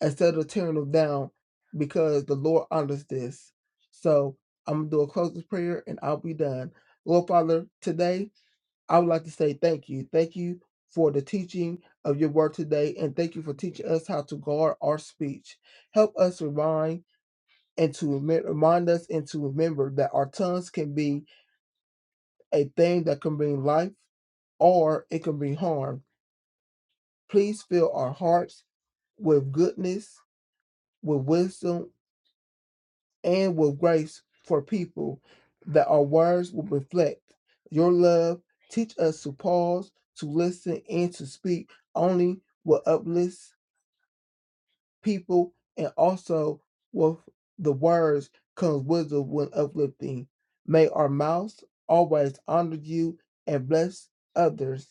S5: instead of tearing them down because the Lord honors this. So I'm gonna do a closing prayer and I'll be done. Lord Father, today I would like to say thank you. Thank you for the teaching of your word today and thank you for teaching us how to guard our speech. Help us remind and to remi- remind us and to remember that our tongues can be a thing that can bring life or it can bring harm. Please fill our hearts with goodness, with wisdom, and with grace for people that our words will reflect your love. Teach us to pause, to listen, and to speak only what uplifts people and also with the words comes wisdom when uplifting. May our mouths always honor you and bless others.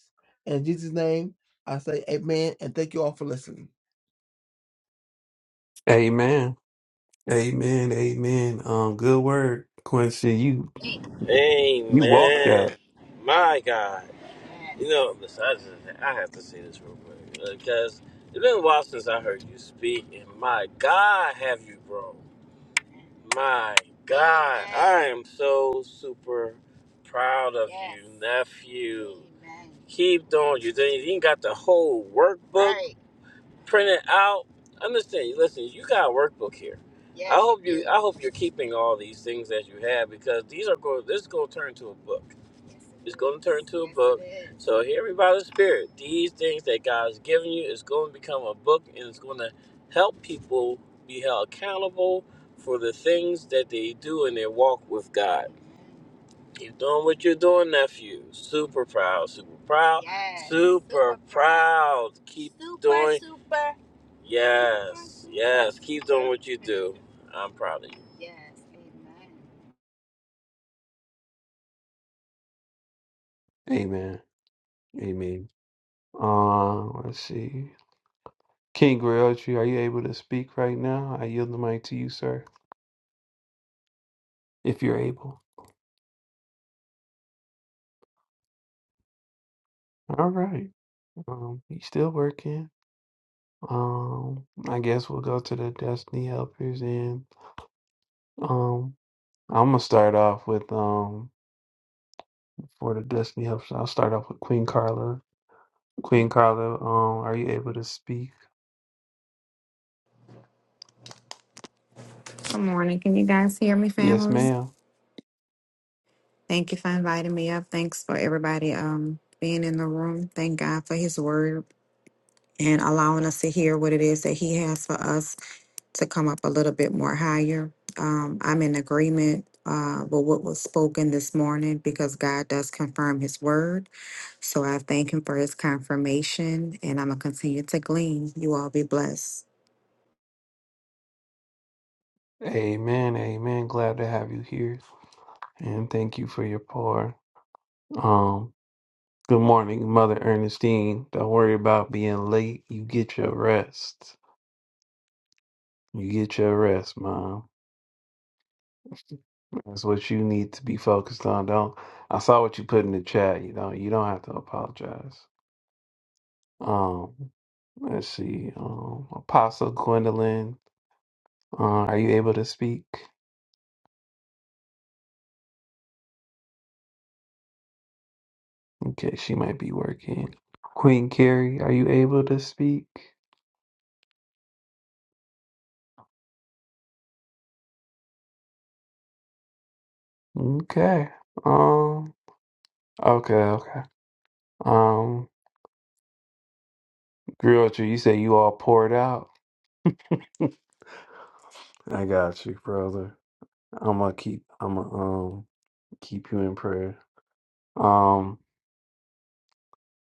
S5: In Jesus' name, I say amen and thank you all for listening.
S1: Amen. Amen. Amen. Um, good word, Quincy. You You walk
S4: Amen.
S1: that.
S4: My God. You know, listen, I, just, I have to say this real quick because it's been a while since I heard you speak, and my God, have you grown? My God. I am so super proud of you, nephew. Keep doing you. You got the whole workbook. print it out. Understand? Listen, you got a workbook here. I hope you. I hope you're keeping all these things that you have because these are going. This is going to turn into a book. It's going to it turn into a book. is. So hear me by the Spirit. These things that God's given you is going to become a book, and it's going to help people be held accountable for the things that they do in their walk with God. Keep doing what you're doing, nephew. Super proud, super proud, super proud. Keep doing. Yes, yes. Keep doing what you do. I'm proud of you.
S1: Amen. Amen. Uh, let's see. King Griochi, are you able to speak right now? I yield the mic to you, sir, if you're able. All right. Um, he's still working. Um, I guess we'll go to the Destiny Helpers and um I'm gonna start off with um for the Destiny Helpers, I'll start off with Queen Carla. Queen Carla, um, are you able to speak?
S6: Good morning. Can you guys hear me,
S1: Yes,
S6: family?
S1: ma'am.
S6: Thank you for inviting me up. Thanks for everybody um being in the room. Thank God for his word and allowing us to hear what it is that he has for us to come up a little bit more higher. Um, I'm in agreement uh with what was spoken this morning because God does confirm his word. So I thank him for his confirmation and I'm gonna continue to glean. You all be blessed.
S1: Amen, amen. Glad to have you here and thank you for your pour. Um, good morning, Mother Ernestine. Don't worry about being late. You get your rest. You get your rest, Mom. That's what you need to be focused on. Don't I saw what you put in the chat. You don't you don't have to apologize. Um let's see. Um Apostle Gwendolyn, uh, are you able to speak? Okay, she might be working. Queen Carrie, are you able to speak? Okay. Um okay, okay. Um Griotra, you say you all poured out. I got you, brother. I'm gonna keep I'm gonna um keep you in prayer. Um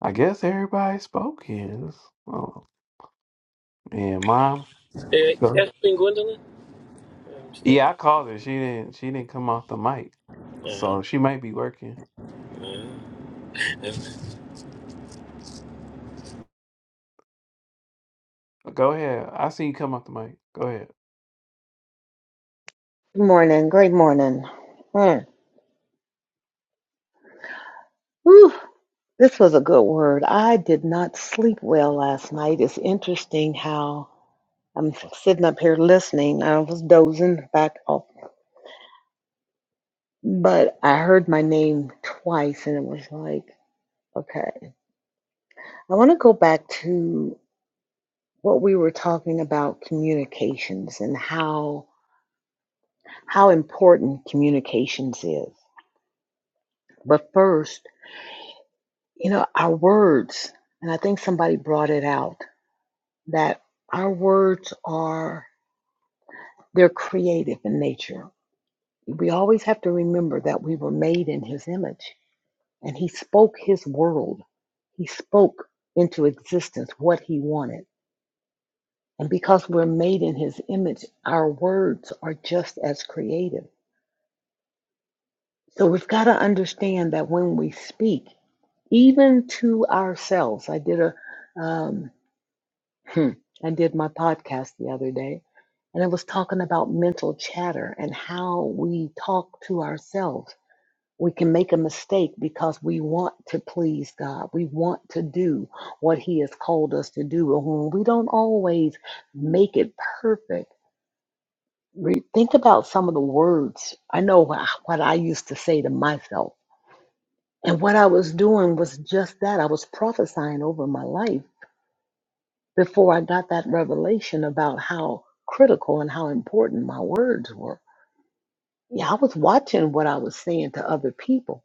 S1: I guess everybody spoken. Oh, and mom,
S4: Hey,
S1: go.
S4: that's been Gwendolyn. Yeah, I'm still.
S1: Yeah, I called her. She didn't. She didn't come off the mic,
S4: Yeah,
S1: so she might be working.
S4: yeah.
S1: Go ahead. I see you come off the mic. Go ahead.
S7: Good morning. Great morning. Mm. Whew. This was a good word. I did not sleep well last night. It's interesting how I'm sitting up here listening. I was dozing back off, but I heard my name twice and it was like, okay. I want to go back to what we were talking about communications and how how important communications is. But first, you know, our words, and I think somebody brought it out. that our words are they're creative in nature. We always have to remember that we were made in his image and he spoke his world. He spoke into existence what he wanted. And because we're made in his image, our words are just as creative. So we've got to understand that when we speak, even to ourselves, I did a um, Hmm. I did my podcast the other day, and it was talking about mental chatter and how we talk to ourselves. We can make a mistake because we want to please God. We want to do what He has called us to do. And when we don't always make it perfect, re- think about some of the words. I know wha- what I used to say to myself. And what I was doing was just that. I was prophesying over my life before I got that revelation about how critical and how important my words were. Yeah, I was watching what I was saying to other people,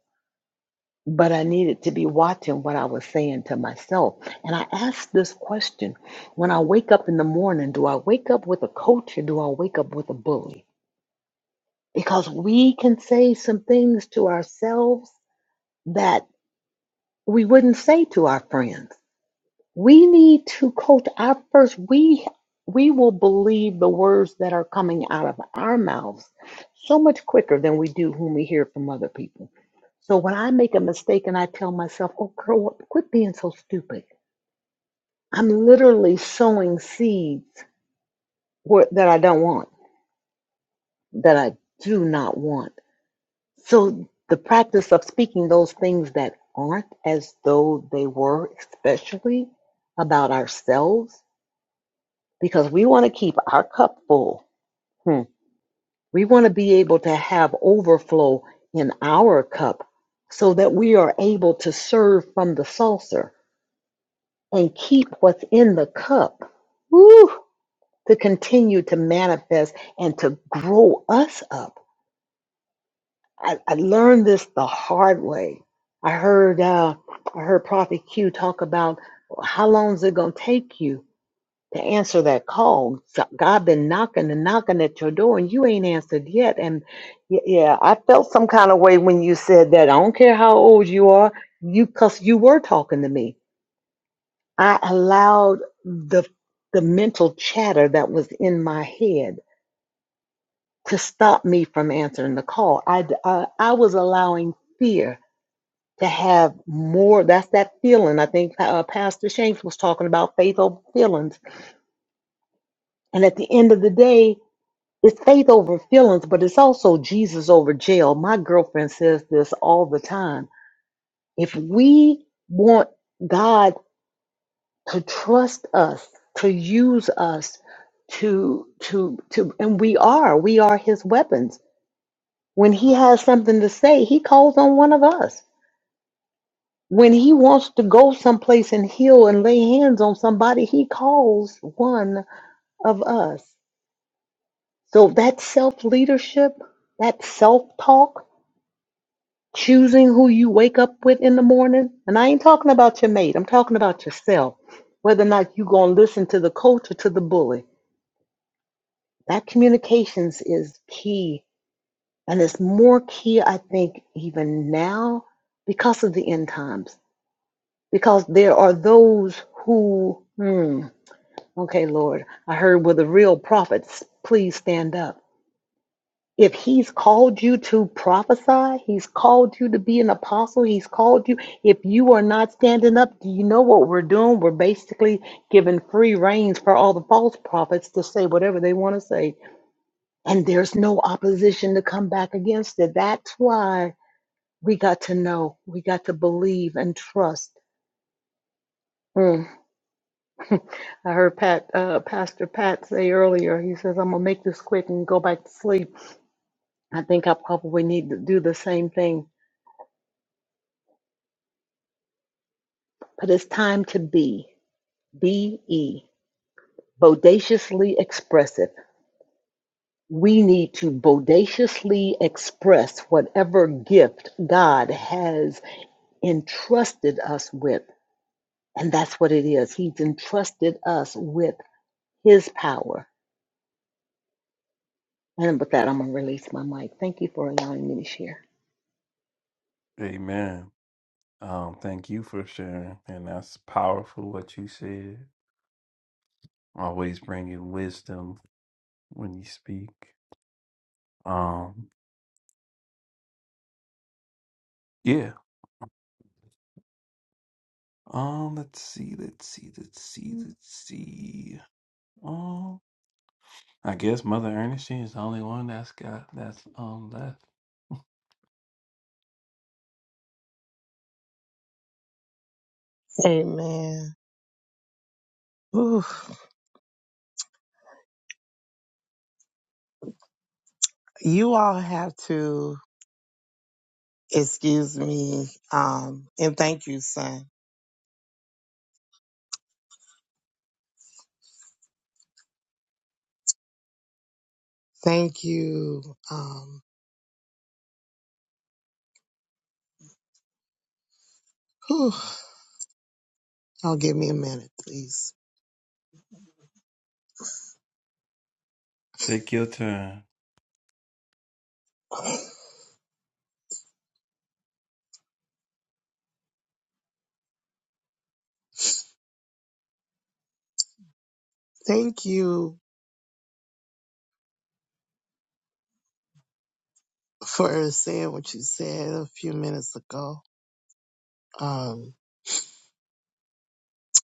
S7: but I needed to be watching what I was saying to myself. And I asked this question when I wake up in the morning, do I wake up with a coach or do I wake up with a bully? Because we can say some things to ourselves that we wouldn't say to our friends we need to coach our first we we will believe the words that are coming out of our mouths so much quicker than we do when we hear from other people so when i make a mistake and i tell myself oh girl what- quit being so stupid i'm literally sowing seeds where, that i don't want that i do not want so the practice of speaking those things that aren't as though they were especially about ourselves because we want to keep our cup full. Hmm. We want to be able to have overflow in our cup so that we are able to serve from the saucer and keep what's in the cup woo, to continue to manifest and to grow us up. I, I learned this the hard way. I heard uh, I heard Prophet Q talk about how long is it going to take you to answer that call. So God been knocking and knocking at your door, and you ain't answered yet. And y- yeah, I felt some kind of way when you said that. I don't care how old you are, you because you were talking to me. I allowed the the mental chatter that was in my head to stop me from answering the call. I d- I, I was allowing fear to have more. That's that feeling. I think uh, Pastor Shanks was talking about faith over feelings. And at the end of the day. It's faith over feelings, but it's also Jesus over jail. My girlfriend says this all the time. If we want God to trust us, to use us, to to to and we are, we are his weapons. When he has something to say, he calls on one of us. When he wants to go someplace and heal and lay hands on somebody, he calls one of us. So that self leadership, that self talk, choosing who you wake up with in the morning. And I ain't talking about your mate, I'm talking about yourself. Whether or not you going to listen to the coach or to the bully. That communications is key. And it's more key, I think, even now because of the end times. Because there are those who, hmm, okay, Lord, I heard with the real prophets, please stand up. If he's called you to prophesy, he's called you to be an apostle, he's called you. If you are not standing up, do you know what we're doing? We're basically giving free reins for all the false prophets to say whatever they want to say. And there's no opposition to come back against it. That's why we got to know, we got to believe and trust. Mm. I heard Pat, uh, Pastor Pat say earlier, he says, I'm going to make this quick and go back to sleep. I think I probably need to do the same thing But it's time to be, B E, bodaciously expressive. We need to bodaciously express whatever gift God has entrusted us with. And that's what it is. He's entrusted us with His power. And with that, I'm going to release my mic. Thank you for allowing me to share.
S1: Amen. Um, thank you for sharing, and that's powerful what you said. Always bringing wisdom when you speak. Um, yeah. Um, let's see, let's see, let's see, let's see. I guess Mother Ernestine is the only one that's got that's um left.
S8: Amen. Ooh, you all have to excuse me. Um, and thank you, son. Thank you. Um, whew, I'll give me a minute, please.
S1: Take your time.
S8: Thank you for saying what you said a few minutes ago. Um,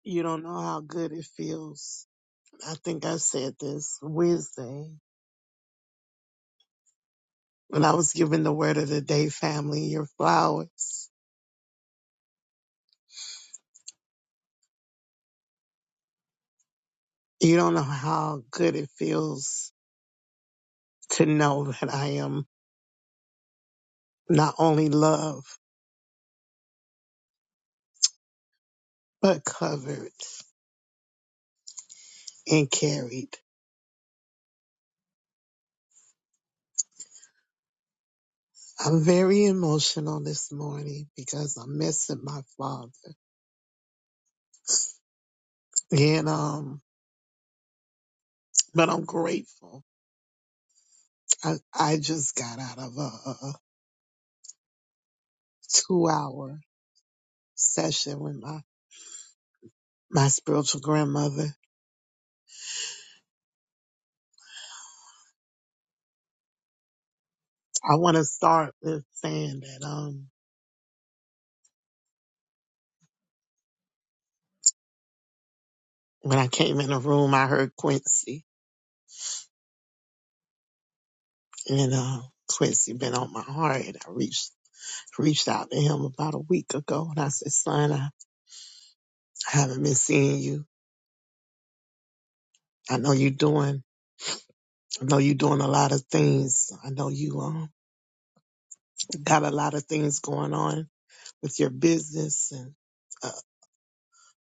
S8: you don't know how good it feels. I think I said this Wednesday when I was giving the word of the day, family, your flowers. You don't know how good it feels to know that I am not only loved, but covered and carried. I'm very emotional this morning because I'm missing my father. And, um, but I'm grateful. I, I just got out of a, a two hour session with my, my spiritual grandmother. I want to start with saying that, um, when I came in the room, I heard Quincy and, uh, Quincy been on my heart and I reached reached out to him about a week ago and I said, son, I I haven't been seeing you. I know you're doing, I know you're doing a lot of things. I know you um, got a lot of things going on with your business and uh,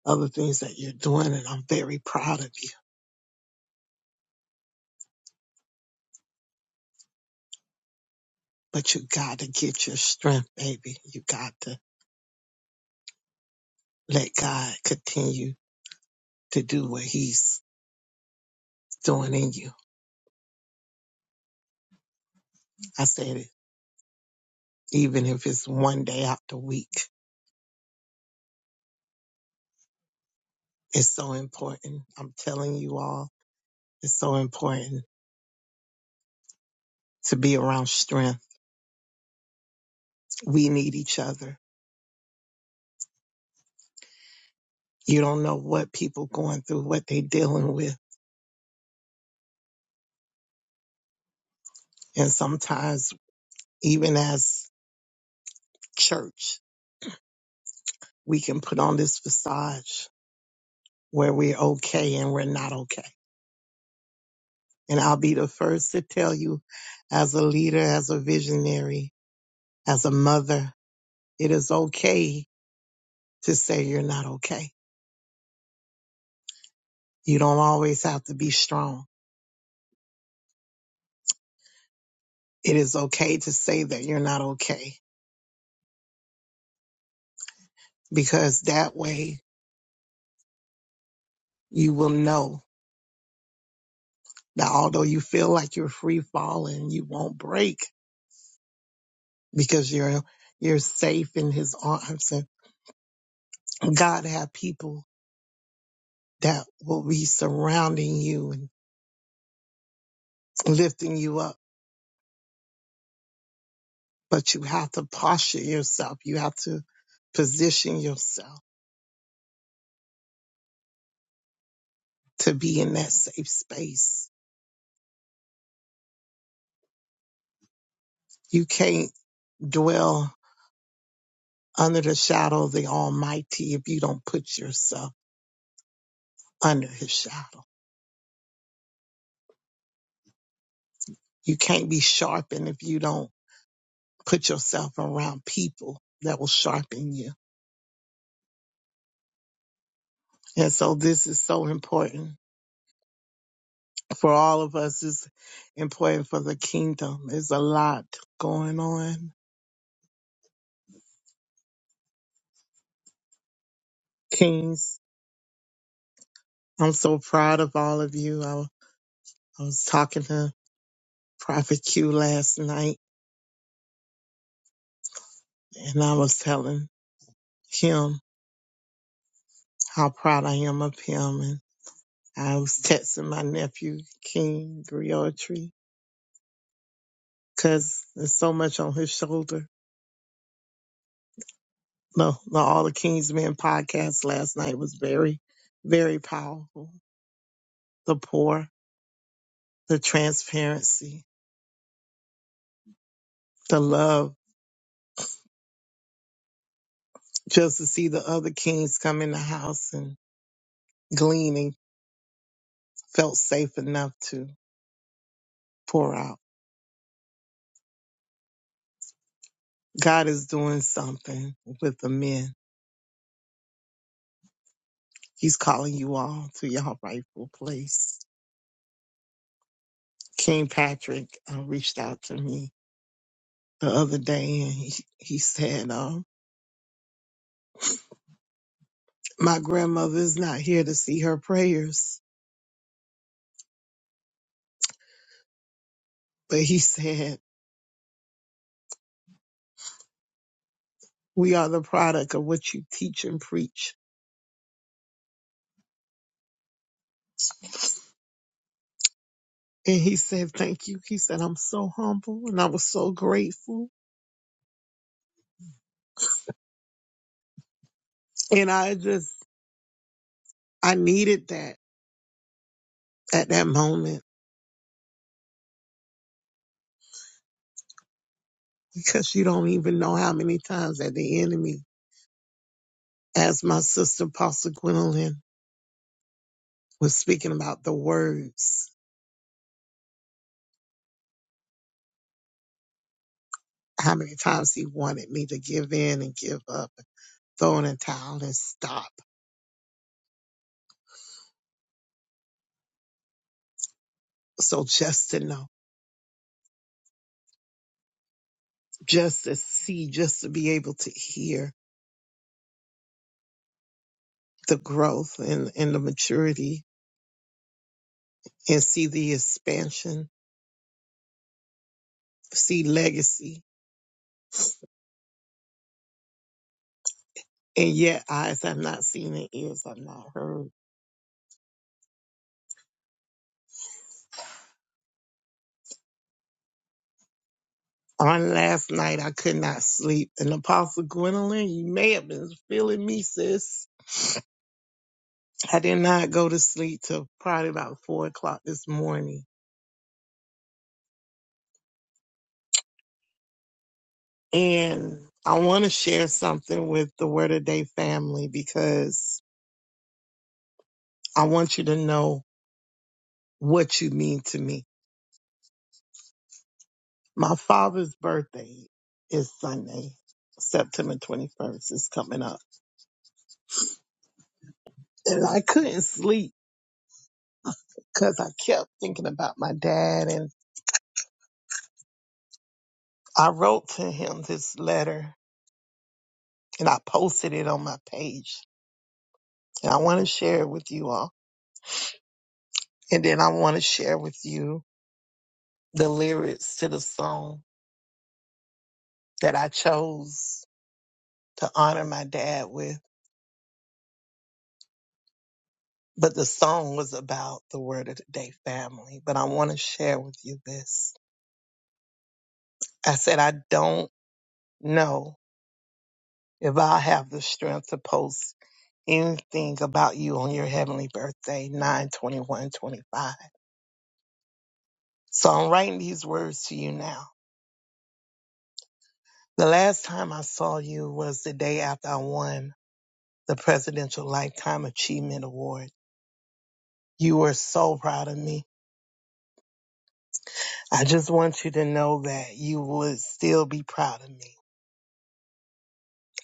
S8: other things that you're doing. And I'm very proud of you, but you got to get your strength, baby. You got to let God continue to do what he's doing in you. I said even if it's one day out the week, it's so important. I'm telling you all It's so important to be around strength. We need each other. You don't know what people going through, what they dealing with. And sometimes even as church, we can put on this facade where we're okay and we're not okay. And I'll be the first to tell you as a leader, as a visionary, as a mother, it is okay to say you're not okay. You don't always have to be strong. It is okay to say that you're not okay because that way you will know that although you feel like you're free falling, you won't break because you're you're safe in his arms. And God have people that will be surrounding you and lifting you up. But you have to posture yourself. You have to position yourself to be in that safe space. You can't dwell under the shadow of the Almighty if you don't put yourself under his shadow. You can't be sharpened if you don't put yourself around people that will sharpen you. And so this is so important for all of us. It's important for the kingdom. There's a lot going on. Kings, I'm so proud of all of you. I, I was talking to Prophet Q last night and I was telling him how proud I am of him. And I was texting my nephew, King Griotry, because there's so much on his shoulder No, the All the Kings Men podcast last night was very, very powerful. The pour, the transparency, the love, just to see the other kings come in the house and gleaning felt safe enough to pour out. God is doing something with the men. He's calling you all to your rightful place. King Patrick uh, reached out to me the other day and he, he said, um, my grandmother is not here to see her prayers But he said, we are the product of what you teach and preach. And he said, thank you. He said, I'm so humble and I was so grateful. And I just, I needed that at that moment because you don't even know how many times that the enemy, as my sister Pastor Gwendolyn was speaking about the words, how many times he wanted me to give in and give up, throw in a towel and stop. So just to know, just to see, just to be able to hear the growth and, and the maturity and see the expansion, see legacy. And yet eyes have not seen and ears have not heard. On last night, I could not sleep. And Apostle Gwendolyn, you may have been feeling me, sis. I did not go to sleep till probably about four o'clock this morning. And I want to share something with the Word of Day family because I want you to know what you mean to me My father's birthday is Sunday, September 21st is coming up. And I couldn't sleep because I kept thinking about my dad. And I wrote to him this letter and I posted it on my page. And I want to share it with you all. And then I want to share with you the lyrics to the song that I chose to honor my dad with. But the song was about the word of the day family. But I want to share with you this. I said, I don't No, if I have the strength to post anything about you on your heavenly birthday, 9 21 25. So I'm writing these words to you now. The last time I saw you was the day after I won the Presidential Lifetime Achievement Award. You were so proud of me. I just want you to know that you would still be proud of me.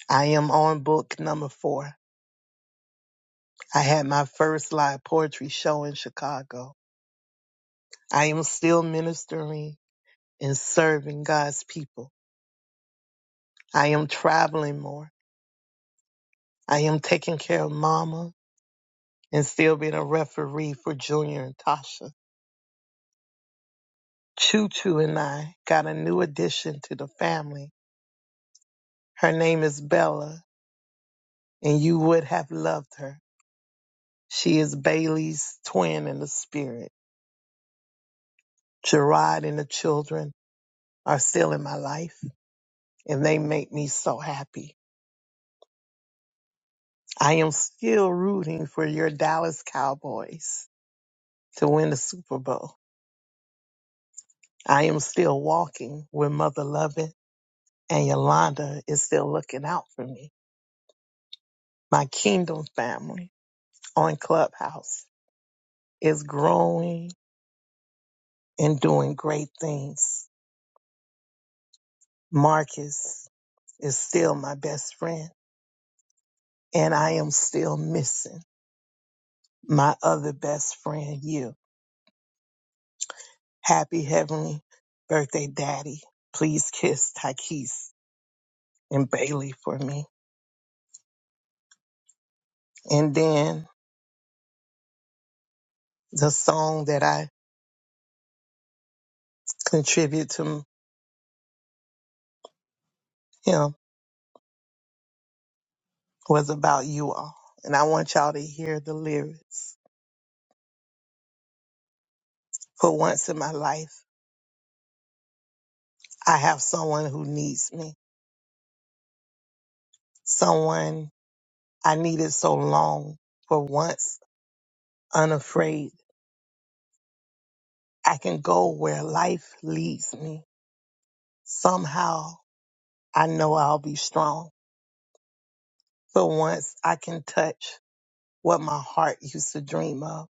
S8: I am on book number four. I had my first live poetry show in Chicago. I am still ministering in serving God's people. I am traveling more. I am taking care of Mama and still being a referee for Junior and Tasha. Choo Choo and I got a new addition to the family. Her name is Bella, and you would have loved her. She is Bailey's twin in the spirit. Gerard and the children are still in my life, and they make me so happy. I am still rooting for your Dallas Cowboys to win the Super Bowl I am still walking with Mother Lovett, and Yolanda is still looking out for me. My kingdom family on Clubhouse is growing and doing great things. Marcus is still my best friend, and I am still missing my other best friend, you. Happy heavenly birthday, Daddy. Please kiss Takis and Bailey for me. And then the song that I contribute to him was about you all. And I want y'all to hear the lyrics. For once in my life, I have someone who needs me, someone I needed so long. For once, unafraid, I can go where life leads me. Somehow, I know I'll be strong. For once, I can touch what my heart used to dream of.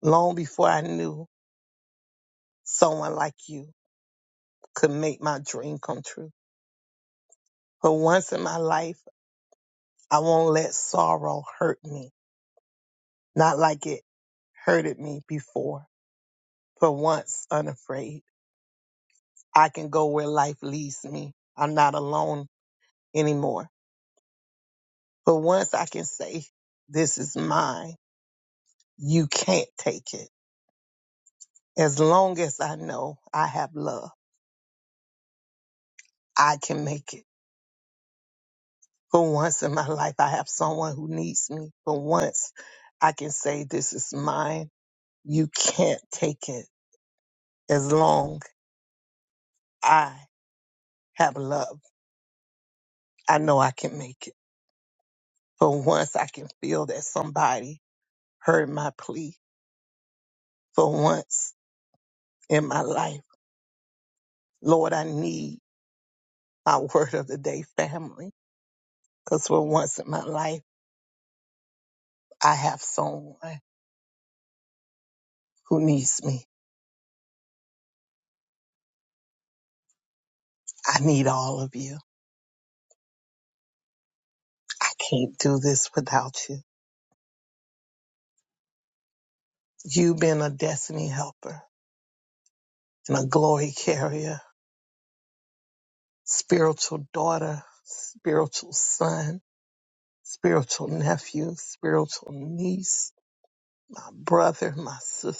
S8: Long before I knew someone like you could make my dream come true. For once in my life, I won't let sorrow hurt me, not like it hurted me before. For once, unafraid, I can go where life leads me. I'm not alone anymore. For once, I can say, This is mine. You can't take it. As long as I know I have love, I can make it. For once in my life, I have someone who needs me. For once, I can say, This is mine. You can't take it. As long I have love. I know I can make it. For once, I can feel that somebody heard my plea. For once in my life, Lord, I need my word of the day family. Because for once in my life, I have someone who needs me. I need all of you. I can't do this without you. You've been a destiny helper and a glory carrier, spiritual daughter, spiritual son, spiritual nephew, spiritual niece, my brother, my sister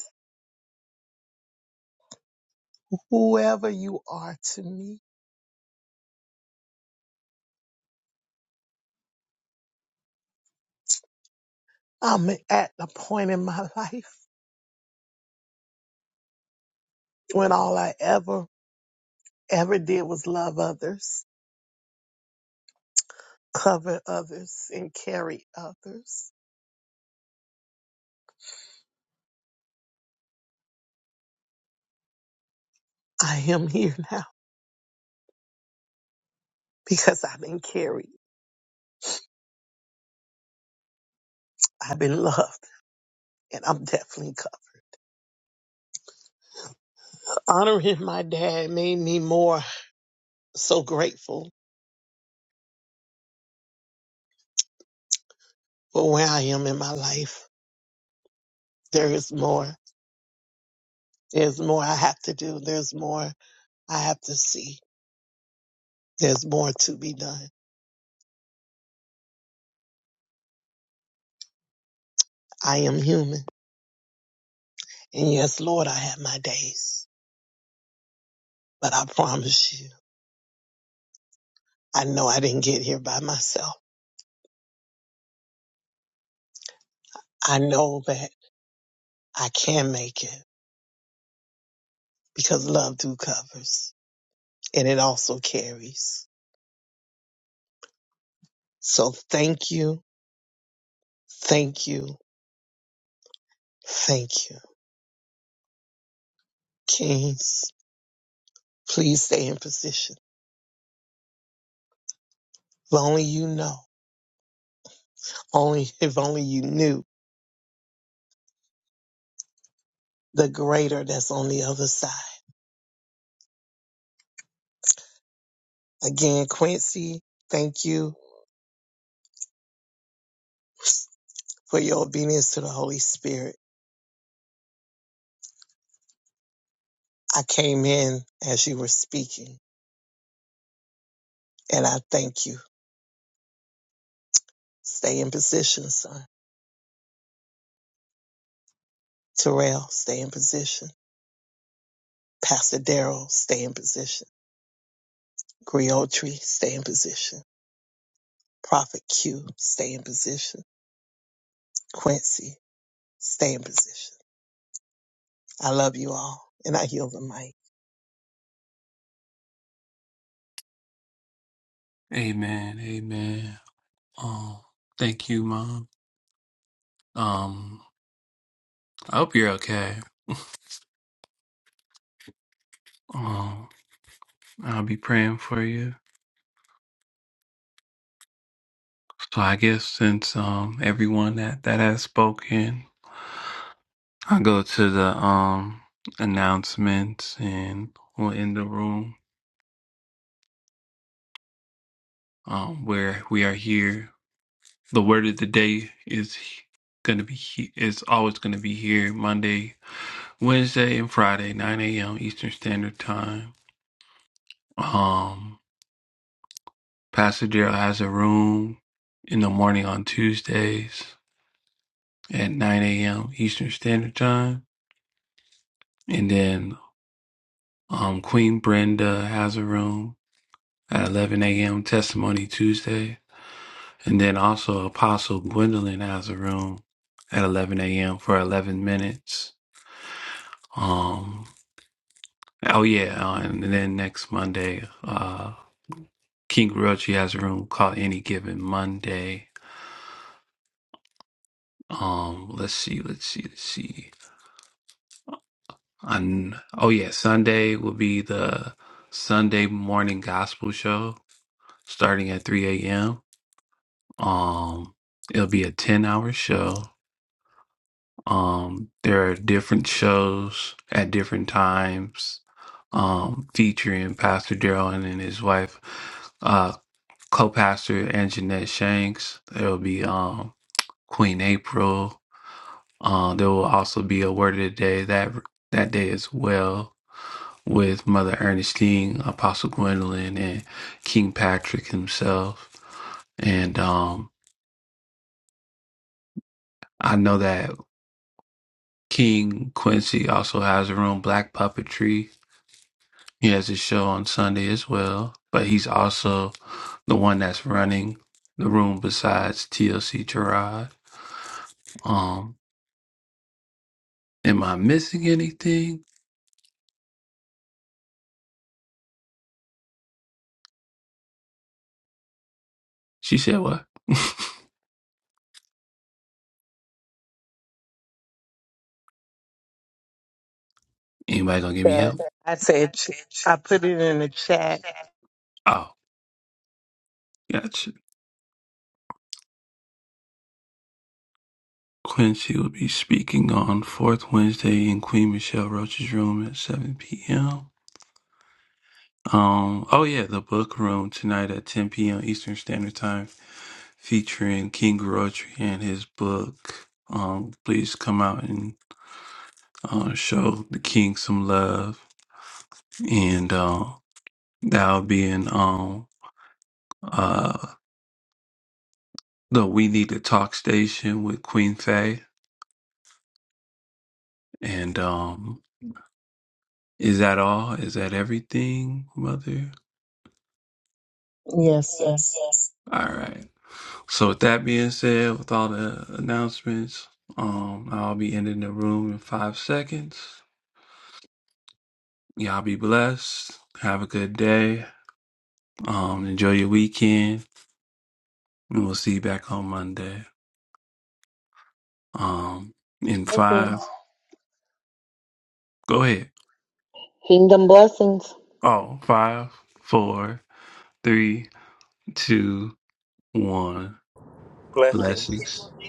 S8: whoever you are to me. I'm at the point in my life when all I ever, ever did was love others, cover others, and carry others. I am here now because I've been carried. I've been loved and I'm definitely covered. Honoring my dad made me more so grateful for where I am in my life. There is more. There's more I have to do. There's more I have to see. There's more to be done. I am human. And yes, Lord, I had my days, but I promise you, I know I didn't get here by myself. I know that I can make it because love do covers and it also carries. So thank you, thank you, thank you. Kings, please stay in position. If only you know, only if only you knew the greater that's on the other side. Again, Quincy, thank you for your obedience to the Holy Spirit I came in as you were speaking, and I thank you. Stay in position, son. Terrell, stay in position. Pastor Daryl, stay in position. Griotri, stay in position. Prophet Q, stay in position. Quincy, stay in position. I love you all, and I heal the mic.
S1: Amen. Amen. Oh, thank you, Mom. Um, I hope you're okay. Um, I'll be praying for you. So I guess since um everyone that that has spoken, I'll go to the um announcements and we'll end the room. Um, where we are here. The word of the day is he- gonna be he- is always gonna be here Monday, Wednesday, and Friday, nine a.m. Eastern Standard Time. Um. Pasadena has a room in the morning on Tuesdays at 9 a.m. Eastern Standard Time. And then um, Queen Brenda has a room at 11 a.m. Testimony Tuesday. And then also Apostle Gwendolyn has a room at 11 a.m. for 11 minutes. Um, oh, yeah. uh, and then next Monday, uh, King Realty has a room called Any Given Monday. Um, let's see, let's see, let's see. on oh yeah sunday will be the sunday morning gospel show starting at 3 a.m um it'll be a 10 hour show um there are different shows at different times um featuring pastor daryl and his wife uh co-pastor and jeanette shanks there'll be um queen april Uh, there will also be a word of the day that that day as well with Mother Ernestine, Apostle Gwendolyn, and King Patrick himself. And um, I know that King Quincy also has a room, Black Puppetry. He has a show on Sunday as well, but he's also the one that's running the room besides TLC Gerard. Um, am I missing anything? She said what? Anybody gonna give me
S9: chat.
S1: help?
S9: I said, ch- I put it in the chat.
S1: Oh. Gotcha. Quincy will be speaking on fourth Wednesday in Queen Michelle Roach's room at 7 p.m. Um, oh yeah, the book room tonight at 10 p.m. Eastern Standard Time, featuring King Roach and his book. Um, please come out and uh, show the king some love, and uh, that'll be in um uh the We Need to Talk station with Queen Faye. And um, is that all? Is that everything, Mother?
S9: Yes, sir.
S1: All right. So with that being said, with all the announcements, um, I'll be ending the room in five seconds. Y'all be blessed. Have a good day. Um, enjoy your weekend, and we'll see you back on Monday. Um, in
S7: Blessings.
S1: five, go ahead.
S7: Kingdom blessings.
S1: Oh, five, four, three, two, one. Blessings.
S4: Blessings.